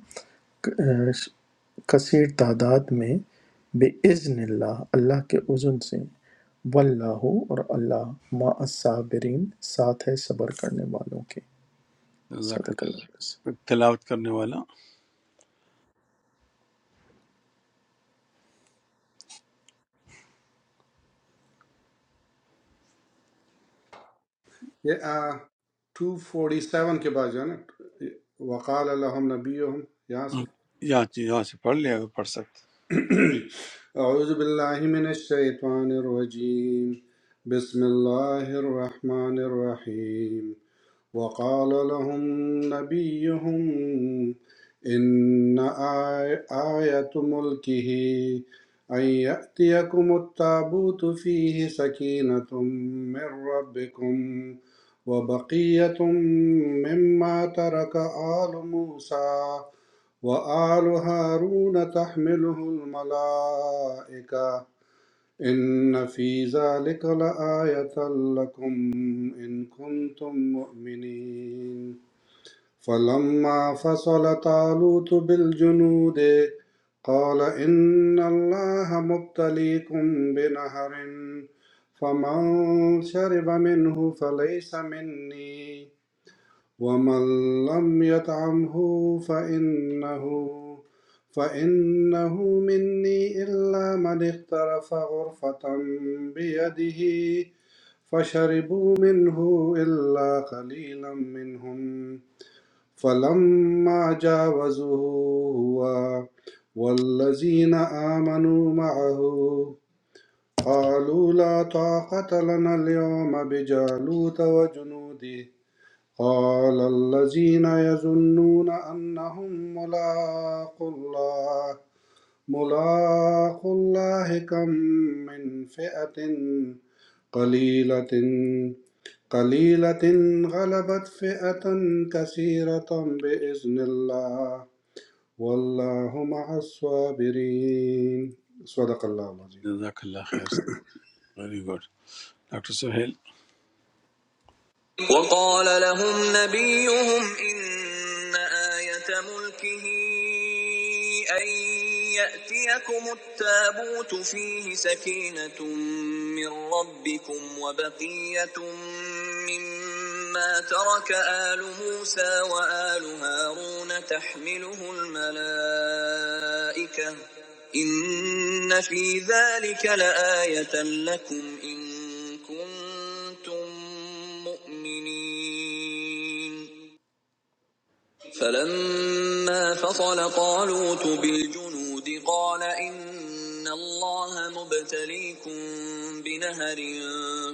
Speaker 2: کثیر تعداد میں بِإِذْنِ اللہ اللہ کے اذن سے واللہ اور اللہ ما الصابرین ساتھ ہے صبر کرنے والوں کے
Speaker 1: جزاک
Speaker 2: صدق اللہ علیہ وسلم۔
Speaker 1: اللہ۔ تلاوت کرنے والا
Speaker 3: یہ ٹو فورٹی سیون کے بعد جو ہے نا وقال الحم نبی یہاں سے
Speaker 1: آپ یہاں یہاں سے پڑھ لیا اگر پڑھ سکتے ہیں۔
Speaker 3: اعوذ باللہ من الشیطان الرجیم بسم اللہ الرحمن الرحیم وقال لهم نبيهم إن آي- آية ملكه أن يأتيكم التابوت فيه سكينة من ربكم وبقية مما ترك آل موسى وآل هارون تحمله الملائكة إن في ذلك لآية لكم إن كنتم مؤمنين فلما فصل طالوت بالجنود قال إن الله مبتليكم بنهر فمن شرب منه فليس مني ومن لم يطعمه فإنه فإنه مني إلا من اغترف غرفة بيده فشربوا منه إلا قليلا منهم فلما جاوزه هو والذين آمنوا معه قالوا لا طاقة لنا اليوم بجالوت وجنوده قال الذين يظنون أنهم ملاقو الله ملاقو الله كم من فئة قليلة قليلة غلبت فئة كثيرة بإذن الله والله مع الصابرين صدق الله العظيم
Speaker 1: جزاک اللہ خیر ویری گڈ ڈاکٹر سہیل
Speaker 2: وقال لهم نبيهم إن آية ملكه أن يأتيكم التابوت فيه سكينة من ربكم وبقية مما ترك آل موسى وآل هارون تحمله الملائكة إن في ذلك لآية لكم إن كنتم مؤمنين فلما فصل طالوت بالجنود قال إن الله مبتليكم بنهر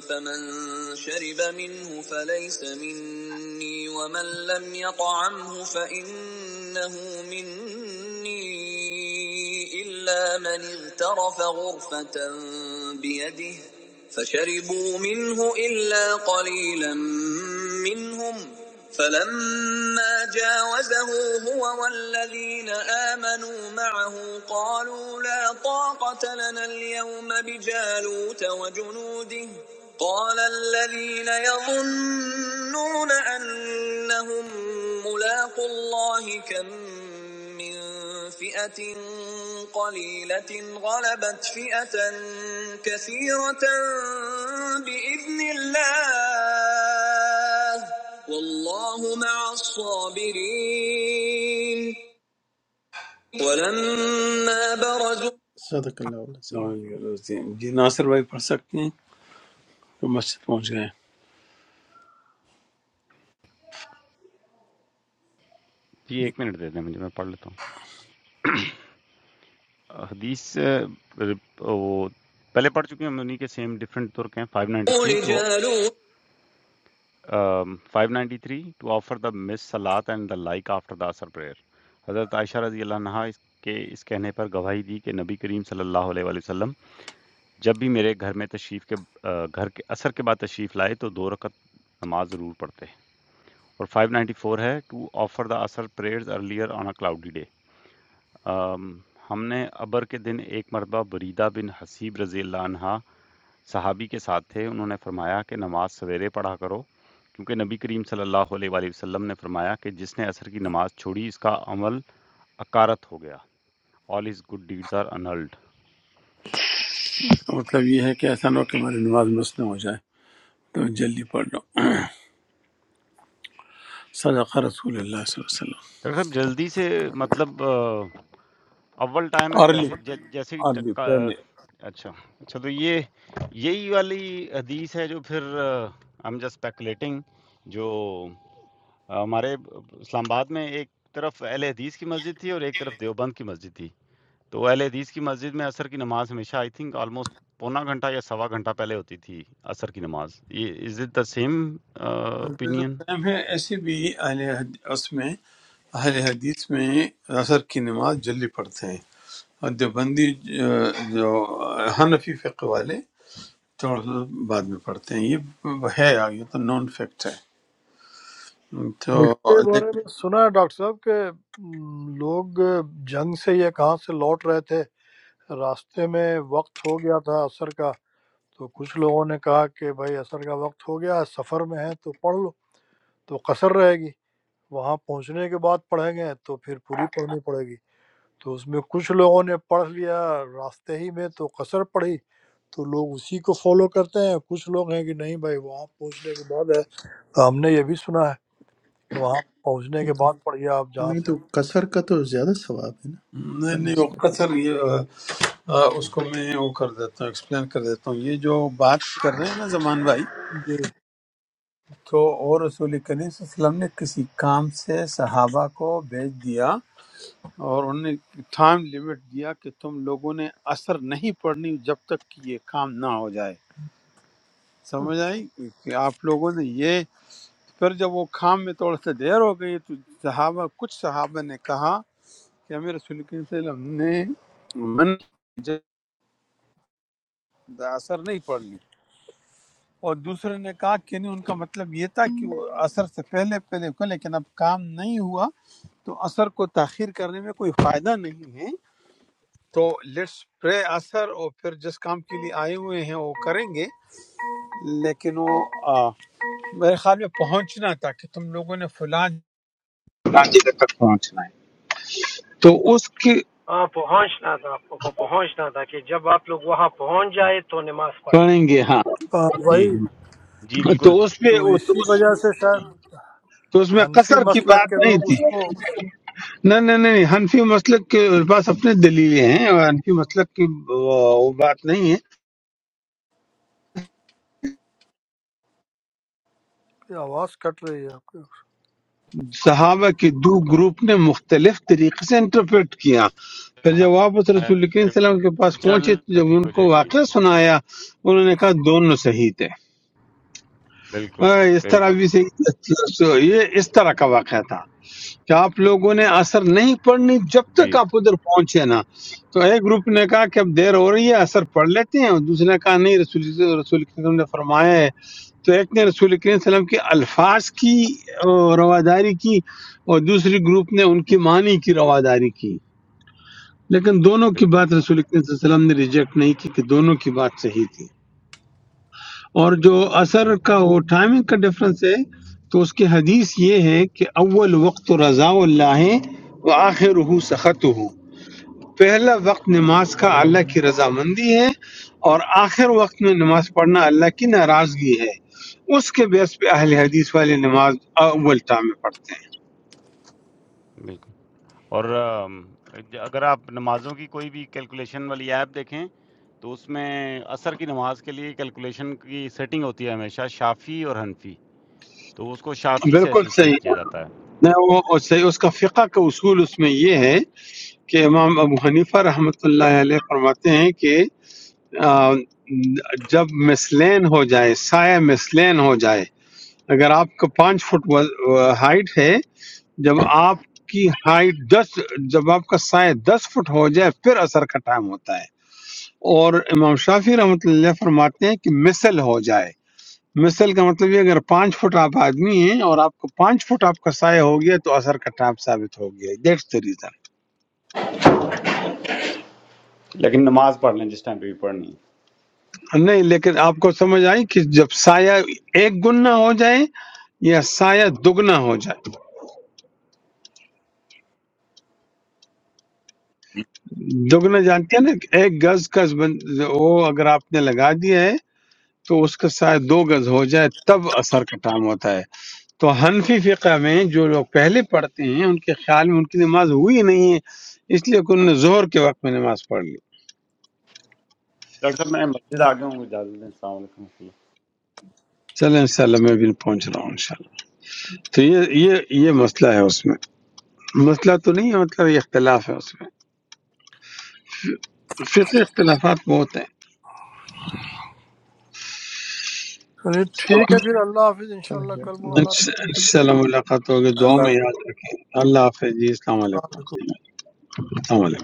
Speaker 2: فمن شرب منه فليس مني ومن لم يطعمه فإنه مني إلا من اغترف غرفة بيده فشربوا منه إلا قليلا منهم فلما جاوزه هو والذين آمنوا معه قالوا لا طاقة لنا اليوم بجالوت وجنوده قال الذين يظنون أنهم ملاقوا الله كم فئة قليلة غلبت فئة كثيرة بإذن الله والله مع الصابرين ولما برزوا صدق الله العظيم
Speaker 1: جی ناصر بھائی پڑھ سکتے ہیں تو مسجد پہنچ گئے ہیں۔
Speaker 6: جی
Speaker 1: جی
Speaker 6: ایک منٹ دے دیں مجھے میں پڑھ لیتا ہوں حدیث اہ، رپ- وہ پہلے پڑھ چکے ہیں ہم انہی کے سیم ڈفرینٹ ترک ہیں 593 ٹو
Speaker 2: لجالوت
Speaker 6: 593 ٹو آفر دا مس سلاد and the like after the اثر پریئر حضرت عائشہ رضی اللہ عنہ اس کے اس کہنے پر گواہی دی کہ نبی کریم صلی اللہ علیہ وآلہ وسلم جب بھی میرے گھر میں تشریف کے آ، گھر کے اثر کے بعد تشریف لائے تو دو رکعت نماز ضرور پڑھتے اور فائیو نائنٹی فور ہے ٹو آفر دا اثر prayers earlier on a cloudy day ہم نے ابر کے دن ایک مرتبہ بریدہ بن حسیب رضی اللہ عنہ صحابی کے ساتھ تھے انہوں نے فرمایا کہ نماز سویرے پڑھا کرو کیونکہ نبی کریم صلی اللہ علیہ وآلہ وسلم نے فرمایا کہ جس نے عصر کی نماز چھوڑی اس کا عمل اکارت ہو گیا all his good deeds are annulled
Speaker 1: اس کا مطلب یہ ہے کہ ایسا نہ ہو کہ ہماری نماز مسئلہ ہو جائے تو جلدی پڑھ لو صدق رسول اللہ صلی اللہ علیہ وسلم
Speaker 6: ڈاکٹر صاحب جلدی سے مطلب آ، اول ٹائم ہے کہ
Speaker 1: عرلی
Speaker 6: جیسے جے- جیسے ہی
Speaker 1: عرلی
Speaker 6: ٹک- آ،
Speaker 1: پہلے
Speaker 6: اچھا اچھا تو یہ یہی والی حدیث ہے جو پھر ہم جسٹ اسپیکولیٹنگ جو آ، ہمارے اسلام آباد میں ایک طرف اہل حدیث کی مسجد تھی اور ایک طرف دیوبند کی مسجد تھی تو اہل حدیث کی مسجد میں عصر کی نماز ہمیشہ آئی تھنک آلموسٹ پونا گھنٹہ یا سوا گھنٹہ پہلے ہوتی تھی عصر کی نماز یہ از اٹ دا سیم
Speaker 1: حضرت
Speaker 6: اوپینین
Speaker 1: السلام ہے ایسے بھی اہل حد- اس میں اہل حدیث میں اثر کی نماز جلدی پڑھتے ہیں اور دیوبندی جو جو حنفی فقہ والے تھوڑا سا بعد میں پڑھتے ہیں یہ ہے یہ تو نان فیکٹ ہے تو
Speaker 4: اس کے بارے
Speaker 1: لیکن
Speaker 4: میں سنا ہے ڈاکٹر صاحب کہ م، لوگ جنگ سے یا کہاں سے لوٹ رہے تھے راستے میں وقت ہو گیا تھا عصر کا تو کچھ لوگوں نے کہا کہ بھائی عصر کا وقت ہو گیا سفر میں ہیں تو پڑھ لو تو قصر رہے گی وہاں پہنچنے کے بعد پڑھیں گے تو پھر پوری پڑھنی پڑے گی تو اس میں کچھ لوگوں نے پڑھ لیا راستے ہی میں تو قصر پڑھی تو لوگ اسی کو فالو کرتے ہیں کچھ لوگ ہیں کہ نہیں بھائی وہاں پہنچنے کے بعد ہے تو ہم نے یہ بھی سنا ہے کہ وہاں پہنچنے
Speaker 2: ये
Speaker 4: کے
Speaker 2: तो-
Speaker 4: بعد پڑھیے آپ جہاں
Speaker 2: नहीं
Speaker 4: سے
Speaker 2: तो कसर का तो ज्यादा सवाब है ना
Speaker 1: نہیں نہیں وہ
Speaker 2: बनस्बत
Speaker 1: قصر یہ آ، اس کو میں وہ کر دیتا ہوں ایکسپلین کر دیتا ہوں بات کر رہے ہیں نا زمان بھائی
Speaker 4: ہیں۔ جی
Speaker 1: تو اور رسول کریم صلی اللہ علیہ وسلم نے کسی کام سے صحابہ کو بھیج دیا اور انہوں نے ٹائم لیمٹ دیا کہ تم لوگوں نے اثر نہیں پڑھنی جب تک کہ یہ کام نہ ہو جائے سمجھ آئی کہ آپ لوگوں نے یہ پھر جب وہ کام میں تھوڑا سا دیر ہو گئی تو صحابہ کچھ صحابہ نے کہا کہ ہمیں رسول کریم صلی اللہ علیہ وسلم نے من جب اثر نہیں پڑھنی اور دوسرے نے کہا کہ نہیں ان کا مطلب یہ تھا کہ وہ اثر سے پہلے پہلے کو لیکن اب کام نہیں ہوا تو اثر کو تاخیر کرنے میں کوئی فائدہ نہیں ہے تو لیٹس پرے اثر اور پھر جس کام کے لیے آئے ہوئے ہیں وہ کریں گے لیکن وہ آ، میرے خیال میں پہنچنا تھا کہ تم لوگوں نے فلاں فلاں جگہ تک پہنچنا ہے تو اس کی
Speaker 5: Aap pahunch na tha. Aap pahunch na tha ki jab aap log waha pahunch jaey to namaz padaey.
Speaker 1: پڑھیں گے ہاں
Speaker 4: ہاں،
Speaker 6: جی
Speaker 4: وہی
Speaker 6: جی
Speaker 1: تو
Speaker 6: بالکل
Speaker 1: اس پہ
Speaker 4: تو
Speaker 1: تو
Speaker 4: اسی
Speaker 1: اس,
Speaker 4: وجہ سے شاید
Speaker 1: تو اس میں
Speaker 4: حنفی
Speaker 1: قصر کی
Speaker 4: مسلک
Speaker 1: بات
Speaker 4: کے
Speaker 1: نہیں
Speaker 4: لوگ اس
Speaker 1: تھی
Speaker 4: کو اس
Speaker 1: نہیں نہیں نہیں حنفی مسلک کے پاس اپنے دلیلیں ہیں اور حنفی مسلک کی وہ وہ بات نہیں ہے
Speaker 4: کی آواز کٹ رہی ہے آپ کی
Speaker 1: صحابہ کے دو گروپ نے مختلف طریقے سے انٹرپریٹ کیا پھر جب واپس رسول کریم صلی اللہ علیہ وسلم کے پاس
Speaker 6: چل،
Speaker 1: پہنچے تو جب
Speaker 6: ٹھیک
Speaker 1: ان
Speaker 6: ہو
Speaker 1: کو
Speaker 6: جائے گی
Speaker 1: واقعہ سنایا انہوں نے کہا دونوں صحیح تھے
Speaker 6: بالکل
Speaker 1: اور اس طرح
Speaker 6: بالکل
Speaker 1: بھی صحیح یہ اس طرح کا واقعہ تھا کہ آپ لوگوں نے اثر نہیں پڑھنی جب
Speaker 6: جی
Speaker 1: تک آپ ادھر پہنچے نا تو ایک گروپ نے کہا کہ اب دیر ہو رہی ہے اثر پڑھ لیتے ہیں اور دوسرے نے کہا نہیں رسول رسول کریم نے فرمایا ہے تو ایک نے رسول کریم صلی اللہ علیہ وسلم کے الفاظ کی اور رواداری کی اور دوسری گروپ نے ان کی معنی کی رواداری کی لیکن دونوں کی
Speaker 6: بالکل
Speaker 1: بات رسول کریم صلی اللہ علیہ وسلم نے ریجیکٹ نہیں کی کہ دونوں کی بات صحیح تھی اور جو
Speaker 6: جی
Speaker 1: اثر کا وہ ٹائمنگ کا ڈفرنس ہے تو اس کی حدیث یہ ہے کہ اول وقت رضا اللہ ہے و آخر سخت پہلا وقت نماز کا اللہ کی رضا مندی ہے اور آخر وقت میں نماز پڑھنا اللہ کی ناراضگی ہے اس کے بیس پہ اہل حدیث والے نماز اول ٹائم میں پڑھتے
Speaker 6: بالکل اور ام، ج- اگر آپ نمازوں کی کوئی بھی کیلکولیشن والی ایپ دیکھیں تو اس میں عصر کی نماز کے لیے کیلکولیشن کی سیٹنگ ہوتی ہے ہمیشہ شافی اور حنفی تو اس کو
Speaker 1: ہیں
Speaker 6: شافی سے
Speaker 1: بالکل
Speaker 6: ایسوسیٹ
Speaker 1: صحیح
Speaker 6: کیا جاتا ہے
Speaker 1: میں وہ وہ صحیح اس کا فقہ کا اصول اس میں یہ ہے کہ امام ابو حنیفہ رحمۃ اللہ علیہ فرماتے ہیں کہ آ، جب مسلین ہو جائے سایہ مسلین ہو جائے اگر آپ کا پانچ فٹ ہائٹ ہے جب آپ کی ہائٹ دس جب آپ کا سایہ دس فٹ ہو جائے پھر اثر کا ٹائم ہوتا ہے اور امام شافی رحمۃ اللہ فرماتے ہیں کہ مثل ہو جائے مثل کا مطلب یہ اگر پانچ فٹ آپ آدمی ہیں اور آپ کو پانچ فٹ آپ کا سایہ ہو گیا تو اثر کا ٹائم ثابت ہو گیا دیٹس the reason
Speaker 6: لیکن نماز پڑھ لیں جس ٹائم پہ بھی پڑھنی ہے
Speaker 1: نہیں لیکن آپ کو سمجھ آئی کہ جب سایہ ایک گنا ہو جائے یا سایہ دگنا ہو جائے دگنا جانتے ہیں نا ایک گز کا بن- وہ اگر آپ نے لگا دیا ہے تو اس کا سایہ دو گز ہو جائے تب اثر کا ٹائم ہوتا ہے تو حنفی فقہ میں جو لوگ پہلے پڑھتے ہیں ان کے خیال میں ان کی نماز ہوئی نہیں ہے اس لیے کہ انہوں نے ظہر کے وقت میں نماز پڑھ لی
Speaker 6: ڈاکٹر صاحب میں مسجد آگے ہوں گے اجازت دیں السلام علیکم و رحمۃ اللہ۔
Speaker 1: چلیں انشاءاللہ میں بھی پہنچ رہا
Speaker 6: السلام
Speaker 1: ہوں
Speaker 6: علیکم
Speaker 1: انشاءاللہ تو یہ یہ یہ مسئلہ ہے اس میں مسئلہ تو نہیں ہے مطلب یہ اختلاف ہے اس میں فقہ اختلافات بہت ہیں
Speaker 4: چلیے ٹھیک ہے پھر اللہ حافظ انشاءاللہ کل
Speaker 2: चलेगा
Speaker 4: ملاقات ہوتی ہے
Speaker 1: انشاءاللہ ملاقات ہوگی دعا میں یاد رکھیں
Speaker 4: جی،
Speaker 1: اللہ حافظ جی السلام
Speaker 4: السلام
Speaker 1: علیکم
Speaker 4: علیکم
Speaker 1: السلام علیکم